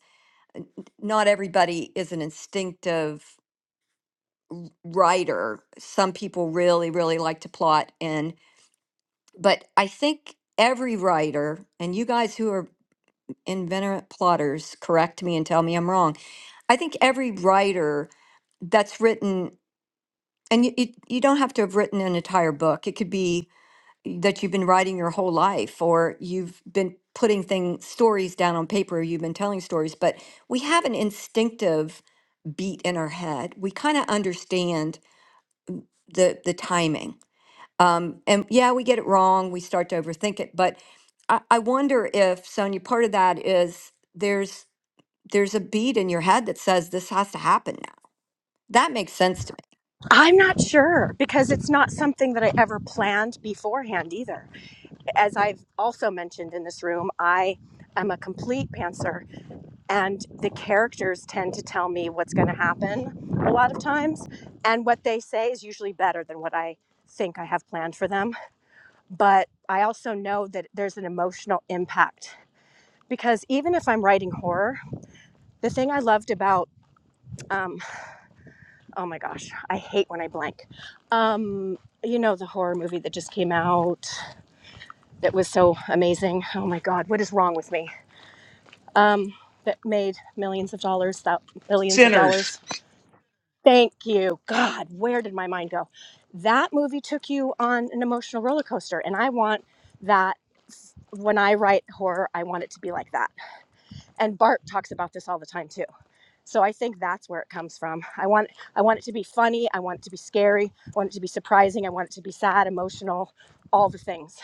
G: not everybody is an instinctive writer. Some people really really like to plot and but I think every writer, and you guys who are inveterate plotters, correct me and tell me I'm wrong. I think every writer that's written, and you, you, you don't have to have written an entire book. It could be that you've been writing your whole life, or you've been putting thing stories down on paper, or you've been telling stories. But we have an instinctive beat in our head. We kind of understand the the timing Um, and yeah, we get it wrong. We start to overthink it. But I, I wonder if Sonia, part of that is there's there's a beat in your head that says this has to happen now. That makes sense to me.
J: I'm not sure because it's not something that I ever planned beforehand either. As I've also mentioned in this room, I am a complete pantser, and the characters tend to tell me what's going to happen a lot of times. And what they say is usually better than what I think I have planned for them. But I also know that there's an emotional impact because even if I'm writing horror, the thing I loved about um, Oh my gosh, I hate when I blank. Um, you know the horror movie that just came out that was so amazing. Oh my god, what is wrong with me? Um, that made millions of dollars, thou- billions of
F: Sinners.
J: dollars. Thank you, God. Where did my mind go? That movie took you on an emotional roller coaster, and I want that. When I write horror, I want it to be like that. And Bart talks about this all the time too So I think that's where it comes from. I want I want it to be funny, I want it to be scary, I want it to be surprising, I want it to be sad, emotional, all the things.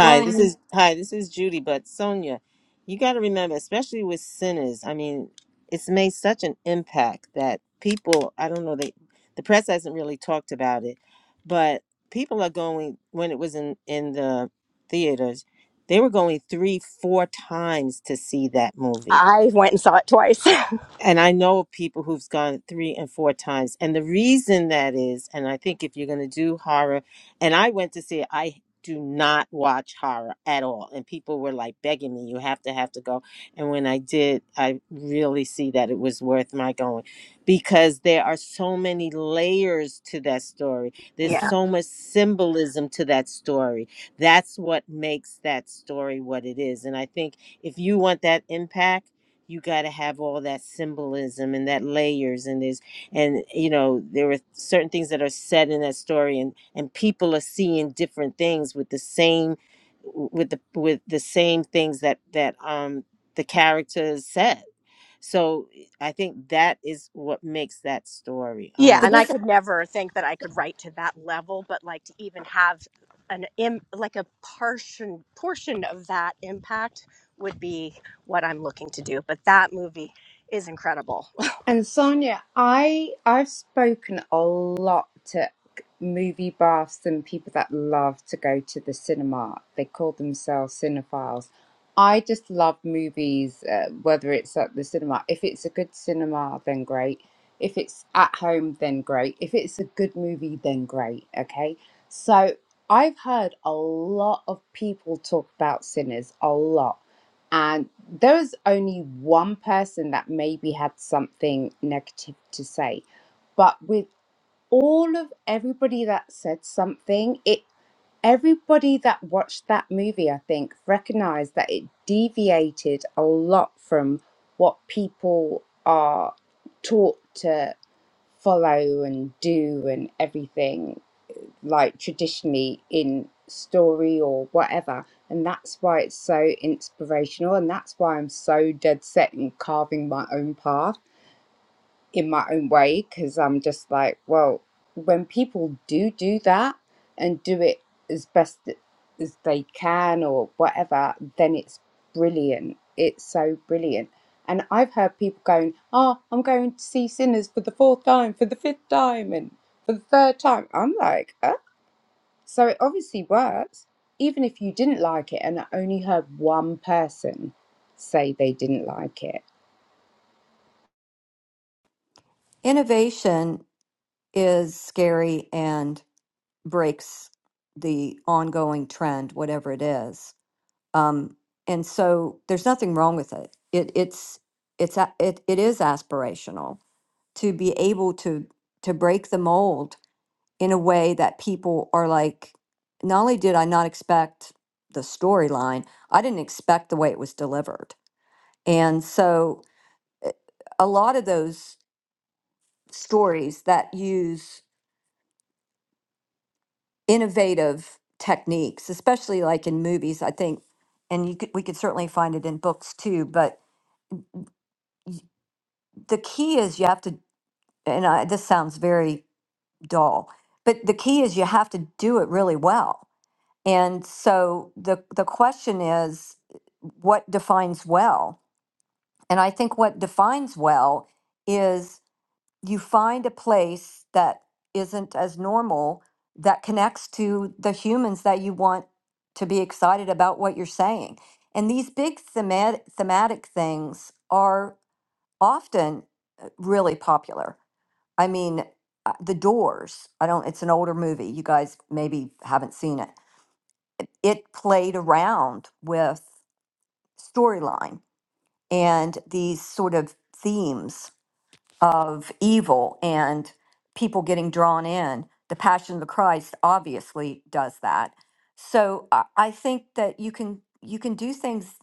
G: Well, and
B: this
G: you-
B: is hi, this is Judy. But Sonia, you got to remember, especially with sinners. I mean, it's made such an impact that people. I don't know. They the press hasn't really talked about it, but people are going when it was in in the theaters. They were going three, four times to see that movie
J: I went and saw it twice. *laughs*
B: and I know of people who've gone three and four times. And the reason that is, and I think if you're going to do horror, and I went to see it, I do not watch horror at all. And people were like begging me, you have to, have to go. And when I did, I really see that it was worth my going because there are so many layers to that story. There's
J: Yeah.
B: so much symbolism to that story. That's what makes that story what it is. And I think if you want that impact, you got to have all that symbolism and that layers and there's and you know there are certain things that are said in that story and and people are seeing different things with the same with the with the same things that that um the characters said so i think that is what makes that story i'm
J: yeah,
G: but
J: and
B: out
J: I
G: this
J: could never think that I could write to that level, but like to even have an Im- like a portion portion of that impact would be what I'm looking to do. But that movie is incredible. *laughs*
I: And Sonia, I I've spoken a lot to movie buffs and people that love to go to the cinema. They call themselves cinephiles. I just love movies, uh, whether it's at the cinema. If it's a good cinema, then great. If it's at home, then great. If it's a good movie, then great. Okay. So I've heard a lot of people talk about Sinners, a lot. And there was only one person that maybe had something negative to say. But with all of everybody that said something, it everybody that watched that movie, I think, recognized that it deviated a lot from what people are taught to follow and do and everything like traditionally in story or whatever. And that's why it's so inspirational. And that's why I'm so dead set in carving my own path in my own way. Cause I'm just like, well, when people do do that and do it as best as they can or whatever, then it's brilliant. It's so brilliant. And I've heard people going, oh, I'm going to see Sinners for the fourth time, for the fifth time, and for the third time. I'm like, "Oh, so it obviously works, even if you didn't like it. And I only heard one person say they didn't like it.
G: innovation is scary and breaks the ongoing trend, whatever it is. Um, and so there's nothing wrong with it. It it's it's a- it, it is aspirational to be able to to break the mold in a way that people are like, not only did I not expect the storyline, I didn't expect the way it was delivered. And so a lot of those stories that use innovative techniques, especially like in movies, I think, and you could, we could certainly find it in books too, but y- the key is you have to, and I, this sounds very dull, but the key is you have to do it really well And so the the question is what defines well? And I think what defines well is you find a place that isn't as normal that connects to the humans that you want to be excited about what you're saying. And these big thematic, thematic things are often uh, really popular. I mean, uh, The Doors, I don't it's an older movie. You guys maybe haven't seen it it played around with storyline and these sort of themes of evil and people getting drawn in. The Passion of the Christ obviously does that. So I I think that you can you can do things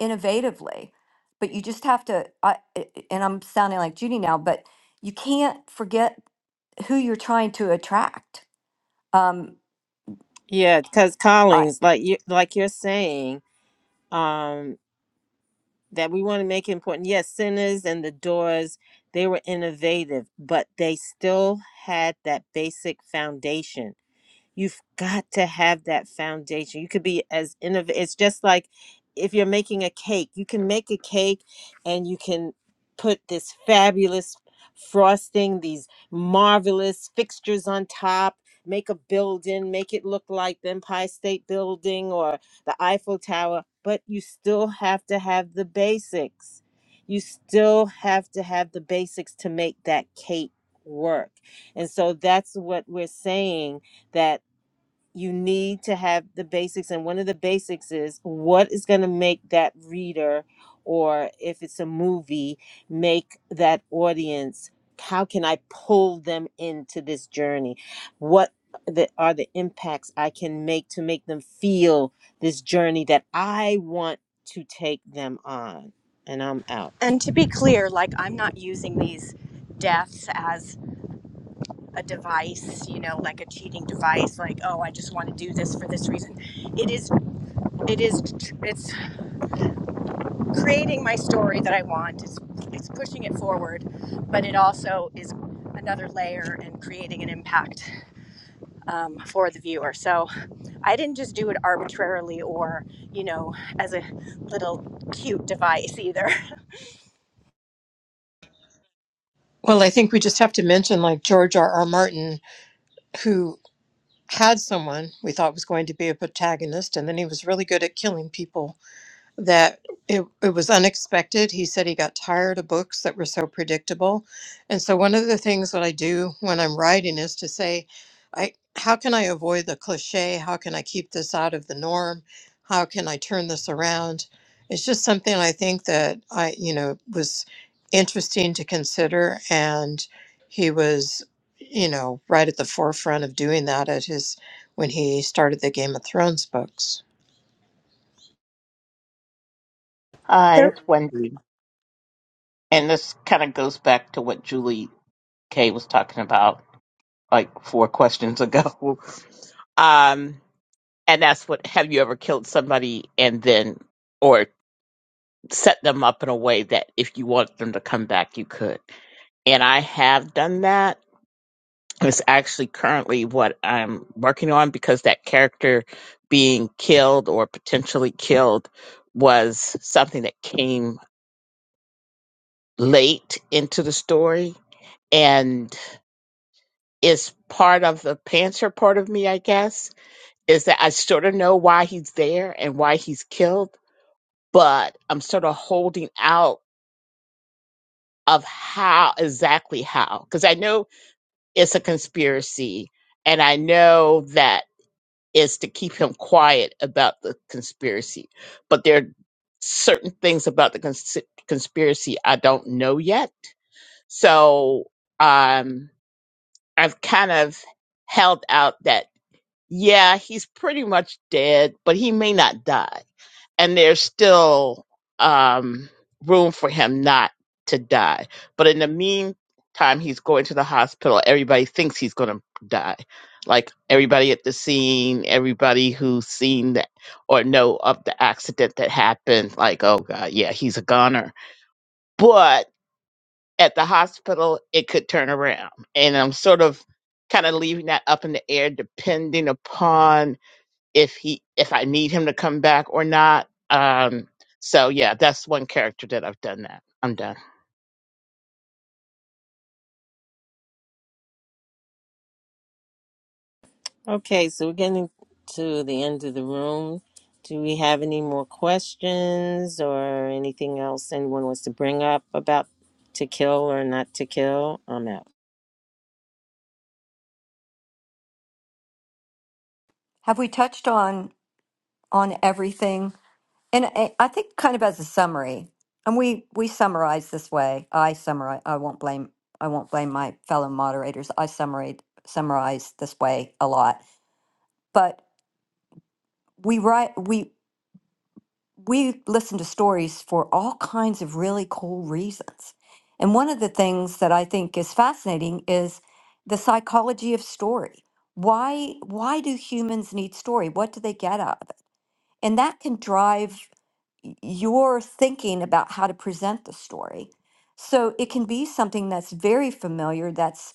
G: innovatively, but you just have to. I, I- and I'm sounding like Judy now, but you can't forget who you're trying to attract. Um,
B: yeah because
G: I,
B: collins like you like you're saying um. that we want to make it important. Yes, sinners and the doors, they were innovative, but they still had that basic foundation You've got to have that foundation. You could be as innovative. It's just like if you're making a cake, you can make a cake and you can put this fabulous frosting, these marvelous fixtures on top, make a building, make it look like the Empire State Building or the Eiffel Tower, but you still have to have the basics. You still have to have the basics to make that cake work. And so that's what we're saying that you need to have the basics and one of the basics is what is going to make that reader or if it's a movie make that audience how can i pull them into this journey what the, are the impacts i can make to make them feel this journey that i want to take them on and i'm out
J: And to be clear, like I'm not using these deaths as a device, you know, like a cheating device, like, oh, I just want to do this for this reason. It is, it is, it's creating my story that I want. It's, it's pushing it forward, but it also is another layer and creating an impact um, for the viewer. So I didn't just do it arbitrarily or, you know, as a little cute device either.
A: Well, I think we just have to mention like George R. R. Martin, who had someone we thought was going to be a protagonist, and then he was really good at killing people. that it, it was unexpected. He said he got tired of books that were so predictable. And so one of the things that I do when I'm writing is to say, I how can I avoid the cliche? How can I keep this out of the norm? How can I turn this around? It's just something I think that I, you know, was interesting to consider and he was, you know, right at the forefront of doing that at his when he started the Game of Thrones books.
J: *laughs*
K: Hi, it's Wendy. And this kind of goes back to what Julie Kay was talking about like four questions *laughs* ago. Um, and that's what have you ever killed somebody and then or set them up in a way that if you want them to come back you could. And I have done that. It's actually currently what I'm working on because that character being killed or potentially killed was something that came late into the story and it's part of the Panther part of me, I guess, is that I sort of know why he's there and why he's killed, but I'm sort of holding out of how exactly how, because I know it's a conspiracy and I know that it's to keep him quiet about the conspiracy, but there are certain things about the cons- conspiracy I don't know yet. So, um, I've kind of held out that yeah, he's pretty much dead, but he may not die. And there's still um, room for him not to die. But in the meantime, he's going to the hospital. Everybody thinks he's going to die. Like everybody at the scene, everybody who's seen that or know of the accident that happened, like, oh God, yeah, he's a goner. But at the hospital, it could turn around. And I'm sort of kind of leaving that up in the air depending upon if he if I need him to come back or not. Um, so yeah, that's one character that I've done that. I'm done.
B: Okay, so we're getting to the end of the room. Do we have any more questions or anything else anyone wants to bring up about to kill or not to kill? I'm out.
G: have we touched on on everything And I I think kind of as a summary, and we we summarize this way. I summarize. I won't blame. I won't blame my fellow moderators. I summarize summarize this way a lot. But we write. We we listen to stories for all kinds of really cool reasons. And one of the things that I think is fascinating is the psychology of story. Why why do humans need story? What do they get out of it? And that can drive y- your thinking about how to present the story. So it can be something that's very familiar, that's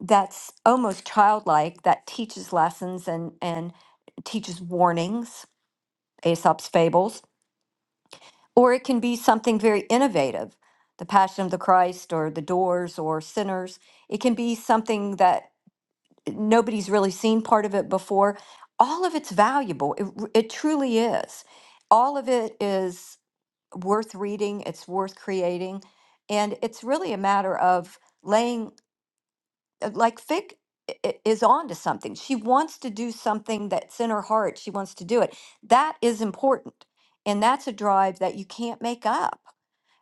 G: that's almost childlike, that teaches lessons and and teaches warnings, Aesop's fables, or it can be something very innovative, The Passion of the Christ or The Doors or Sinners. It can be something that nobody's really seen part of it before. All of it's valuable. It, r- it truly is. All of it is worth reading, it's worth creating. And it's really a matter of laying, uh, like Fig i- i- is on to something. She wants to do something that's in her heart. She wants to do it. That is important. And that's a drive that you can't make up.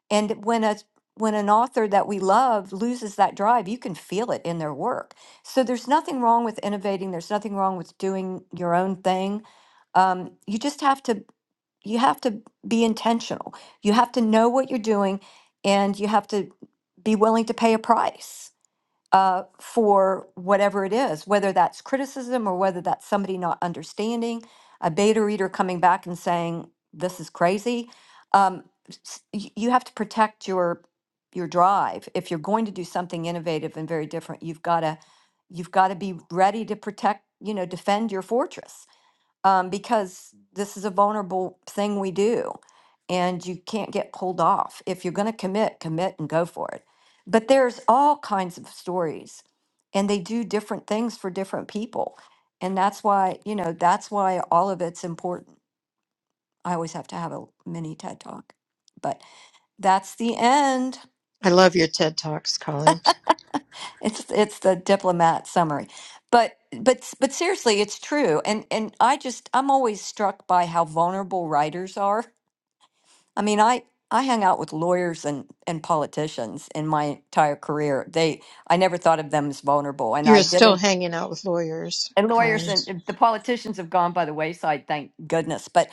G: And when a when an author that we love loses that drive, you can feel it in their work. So there's nothing wrong with innovating. There's nothing wrong with doing your own thing. Um, you just have to you have to be intentional. You have to know what you're doing and you have to be willing to pay a price uh, for whatever it is, whether that's criticism or whether that's somebody not understanding, a beta reader coming back and saying, this is crazy. Um, s- y- you have to protect your your drive. If you're going to do something innovative and very different, you've got to you've got to be ready to protect, you know, defend your fortress um, because this is a vulnerable thing we do and you can't get pulled off if you're going to commit commit and go for it but there's all kinds of stories and they do different things for different people and that's why you know that's why all of it's important i always have to have a mini ted talk but that's the end
A: I love your TED Talks, Colin.
G: it's it's the diplomat summary but but s- but seriously it's true and and i just i'm always struck by how vulnerable writers are I mean, I I hung out with lawyers and and politicians in my entire career. They I never thought of them as vulnerable, and I
A: You're still
G: didn't.
A: hanging out with lawyers,
G: And
A: Colin.
G: lawyers and and the politicians have gone by the wayside, thank goodness. But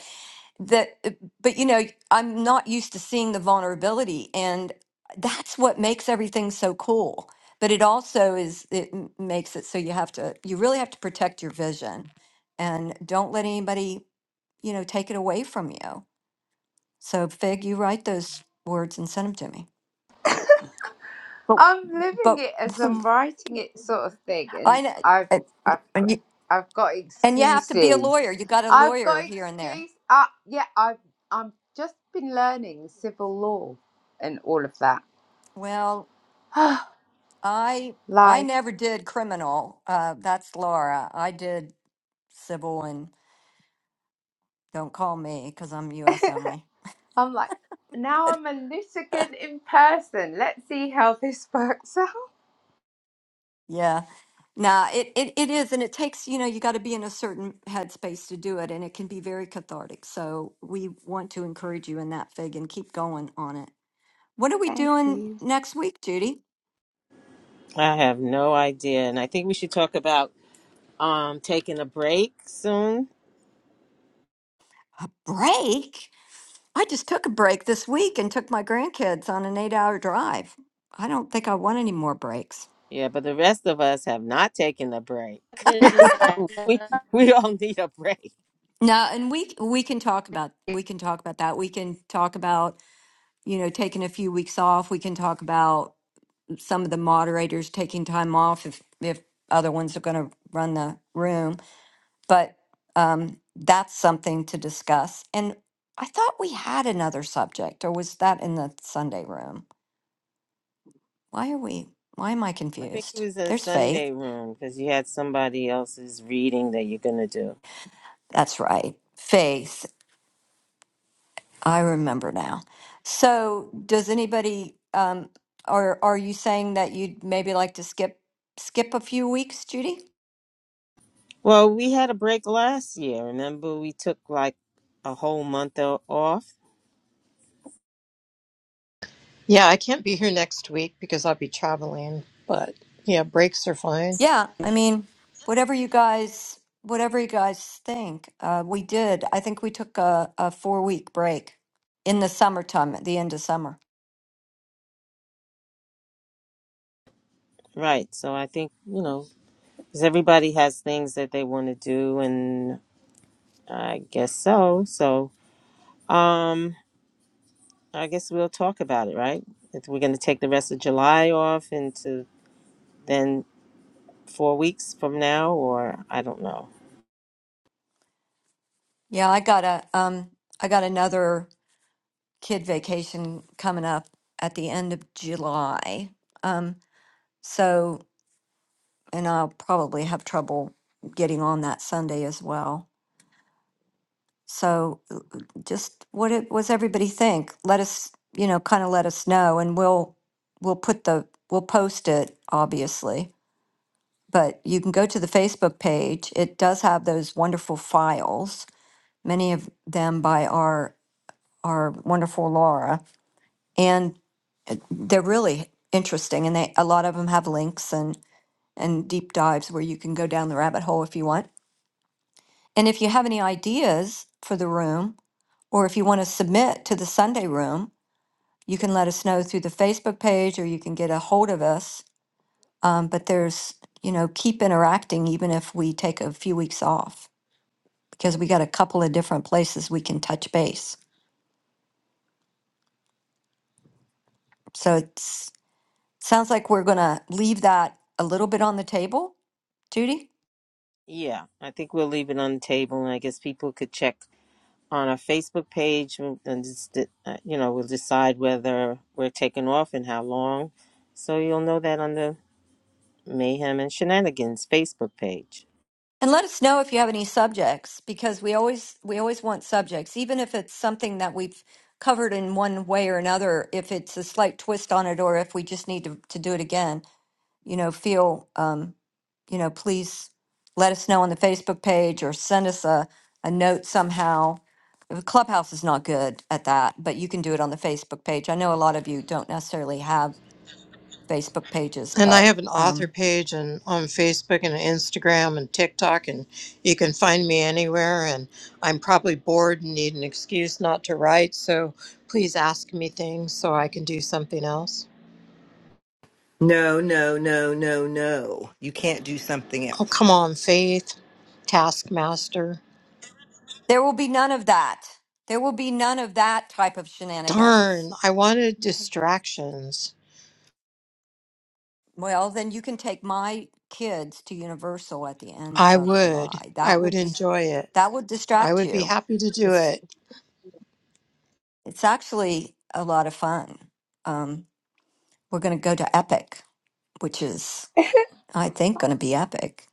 G: that, but you know, I'm not used to seeing the vulnerability, and that's what makes everything so cool. But it also is it m- makes it so you have to you really have to protect your vision, and don't let anybody you know take it away from you. So Fig, you write those words and send them to me. But
I: I'm living
G: But
I: it as I'm
G: *laughs*
I: writing it, sort of thing,
G: I
I: and
G: know,
I: I've
G: and
I: I've got,
G: and you,
I: I've got
G: and you have to be a
I: excuses.
G: lawyer. You got a
I: I've
G: lawyer
I: got
G: here and there.
I: excuse. Uh, yeah, I've I'm just been learning civil law and all of that.
G: Well,
I: *sighs*
G: I I
I: Life.
G: never did criminal. Uh, that's Laura. I did civil and don't call me because I'm U.S. only.
I: I'm like now I'm a litigant in person. Let's see how this *laughs* works out.
G: Yeah. Nah, it, it, it is, and it takes, you know, you got to be in a certain headspace to do it, and it can be very cathartic. So we want to encourage you in that, Fig, and keep going on it. What are we
I: Thank
G: doing
I: you.
G: next week, Judy?
B: I have no idea, and I think we should talk about um taking a break soon.
G: Break? I just took a break this week and took my grandkids on an eight hour drive. I don't think I want any more breaks.
B: Yeah, but the rest of us have not taken a break. *laughs* so we we all need a break.
G: No, and we we can talk about we can talk about that. We can talk about, you know, taking a few weeks off. We can talk about some of the moderators taking time off if if other ones are gonna run the room. But um that's something to discuss. And I thought we had another subject, or was that in the Sunday room? Why are we? Why am I
B: I think it
G: confused?
B: was a
G: There's faith.
B: Sunday room because you had somebody else's reading that you're gonna do.
G: That's right. Faith. I remember now. So, does anybody, um, or are you saying that you'd maybe like to skip skip a few weeks, Judy?
B: Well, we had a break last year. Remember, we took like a whole month o- off.
A: Yeah, I can't be here next week because I'll be traveling, but yeah, breaks are fine.
G: Yeah. I mean, whatever you guys, whatever you guys think. Uh, we did. I think we took a, a four week break in the summertime, at the end of summer.
B: Right. So I think, you know, because everybody has things that they want to do, and I guess so. So um, I guess we'll talk about it, right? If we're going to take the rest of July off into then four weeks from now, or I don't know.
G: Yeah, I got a um, I got another. kid vacation coming up at the end of July. Um, so, and I'll probably have trouble getting on that Sunday as well. So, uh, uh, just what it was everybody think? Let us, you know, kind of let us know, and we'll we'll put the we'll post it obviously. But you can go to the Facebook page. It does have those wonderful files, many of them by our our wonderful Laura. and. they're really interesting and they a lot of them have links and and deep dives where you can go down the rabbit hole if you want and if you have any ideas for the room or if you want to submit to the sunday room you can let us know through the facebook page or you can get a hold of us um, but there's you know keep interacting even if we take a few weeks off because we got a couple of different places we can touch base so it's sounds like we're going to leave that a little bit on the table judy
B: Yeah, I think we'll leave it on the table, and I guess people could check on our Facebook page mm, and just, uh, you know, we'll decide whether we're taking off and how long. So you'll know that on the Mayhem and Shenanigans Facebook page.
G: And let us know if you have any subjects because we always we always want subjects, even if it's something that we've covered in one way or another. If it's a slight twist on it, or if we just need to, to do it again, you know, feel um, you know, please let us know on the Facebook page or send us a a note somehow. The Clubhouse is not good at that, but you can do it on the Facebook page. I know a lot of you don't necessarily have Facebook pages,
A: And I
G: but.
A: have an author
G: um,
A: page and on Facebook and Instagram and TikTok, and you can find me anywhere. And I'm probably bored and need an excuse not to write, so please ask me things so I can do something else.
L: No, no, no, no, no. You can't do something
A: Oh,
L: else.
A: come on, Faith, Taskmaster.
G: There will be none of that. There will be none of that type of shenanigans.
A: Darn, I wanted distractions.
G: Well, then you can take my kids to Universal at the end
A: I
G: of
A: would.
G: July.
A: I
G: That will
A: would
G: just
A: enjoy it.
G: that will
A: I
G: distract
A: would be
G: you.
A: happy to do
G: It's
A: it.
G: it's actually a lot of fun. Um, we're going to go to Epic, which is I think going to be epic.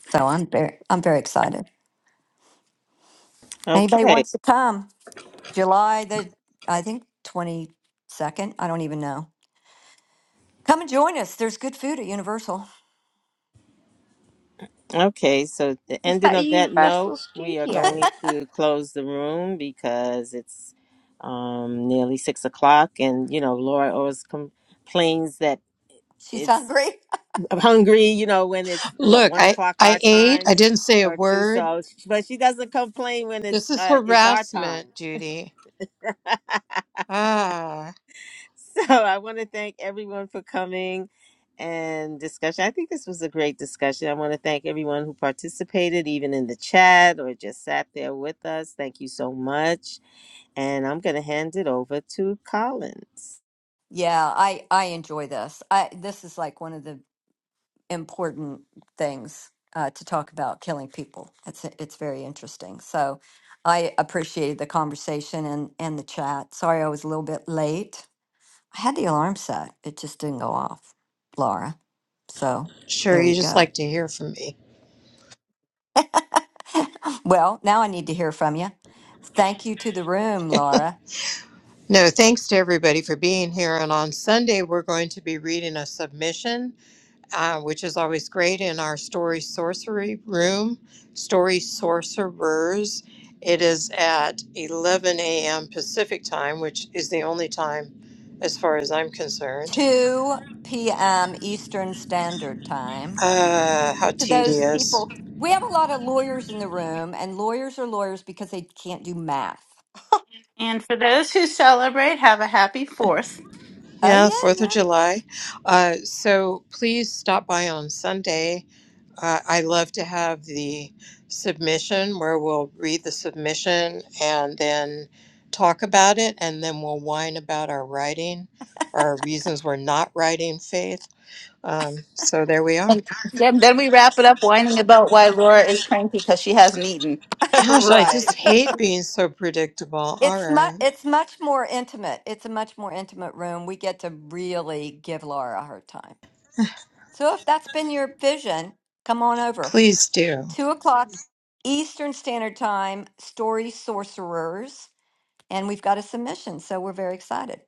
G: So I'm very I'm very excited. Anybody
B: Okay.
G: wants to come? July the I think twenty second. I don't even know. Come and join us. There's good food at Universal.
B: Okay. So the
I: Is
B: ending
I: that a
B: of that
I: Universal
B: note, we are
I: Studio?
B: going to close the room because it's um, nearly six o'clock, and you know, Laura always complains that.
G: She's
B: it's.
G: hungry. *laughs*
B: I'm hungry, you know, when it's what
A: Look,
B: one
A: I,
B: o'clock
A: I
B: our
A: ate. I
B: time
A: didn't say a
B: or two.
A: word.
B: So, but she doesn't complain when it's
A: This is
B: uh, it's our
A: harassment,
B: time.
A: Judy.
B: *laughs*
A: Ah.
B: so I want to thank everyone for coming and discussion. I think this was a great discussion. I want to thank everyone who participated, even in the chat or just sat there with us. Thank you so much. And I'm going to hand it over to Collins.
G: Yeah, I I enjoy this. I this is like one of the important things uh, to talk about killing people. It's it's very interesting. So I appreciated the conversation and and the chat. Sorry I was a little bit late. I had the alarm set. It just didn't go off, Laura. So
A: Sure,
G: there
A: you
G: you
A: just
G: go.
A: like to hear from me.
G: *laughs* well, now I need to hear from you. Thank you to the room, Laura.
A: No, thanks to everybody for being here. And on Sunday, we're going to be reading a submission, uh, which is always great in our Story Sorcery room, Story Sorcerers. It is at 11 a.m. Pacific time, which is the only time, as far as I'm concerned.
G: 2 p.m. Eastern Standard Time.
A: Uh, how
G: to those
A: tedious.
G: people. We have a lot of lawyers in the room, and lawyers are lawyers because they can't do math.
E: And for those who celebrate, have a happy fourth.
G: Oh
A: Yeah, 4th
G: yeah,
A: of
G: yeah.
A: July. Uh, so please stop by on Sunday Uh, I love to have the submission where we'll read the submission and then talk about it, and then we'll whine about our writing or our reasons we're not writing faith. Um, so there we are.
E: And then, then we wrap it up whining about why Laura is cranky because she hasn't eaten.
L: *laughs*
A: Gosh, I
L: right.
A: just
L: *laughs*
A: hate being so predictable. All
G: It's much.
A: right,
G: It's much more intimate. It's a much more intimate room. We get to really give Laura her time. So if that's been your vision, come on over.
A: please do.
G: Two o'clock Eastern Standard Time. Story Sorcerers, and we've got a submission, so we're very excited.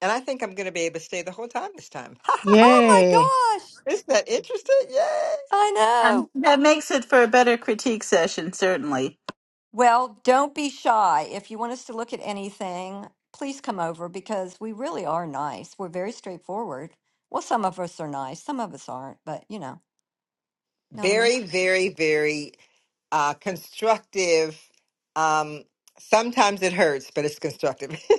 L: And I think I'm going to be able to stay the whole time this time.
G: Oh
A: Yay.
G: my gosh!
L: *laughs* Isn't that interesting? Yay!
G: I know.
E: Um, that makes it for a better critique session, certainly.
G: Well, don't be shy. If you want us to look at anything, please come over because we really are nice. We're very straightforward. Well, some of us are nice, some of us aren't, but you know, know what I mean?
L: Very, very, very uh, constructive. Um, sometimes it hurts, but it's constructive. *laughs*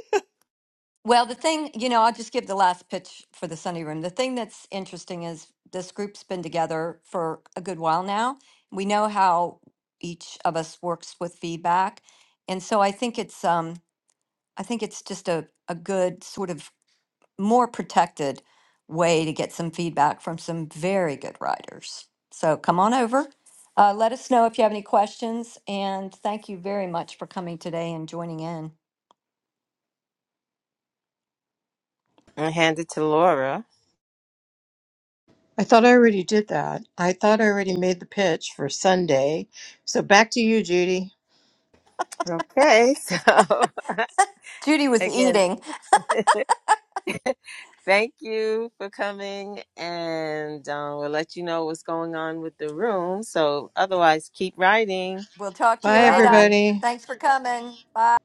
G: Well, the thing, you know, I'll just give the last pitch for the Sunday room. The thing that's interesting is this group's been together for a good while now. We know how each of us works with feedback. And so I think it's um I think it's just a, a good sort of more protected way to get some feedback from some very good writers. So come on over. Uh, let us know if you have any questions. And thank you very much for coming today and joining in.
B: I hand it to Laura.
A: I thought I already did that. I thought I already made the pitch for Sunday. So back to you, Judy.
B: Okay, so.
G: Judy
B: *laughs*
G: was
B: again.
G: eating.
B: Thank you for coming, and um, we'll let you know what's going on with the room. So, otherwise, keep writing.
G: We'll talk to you
A: Bye,
G: later.
B: Bye.
A: everybody.
G: Thanks for coming. Bye.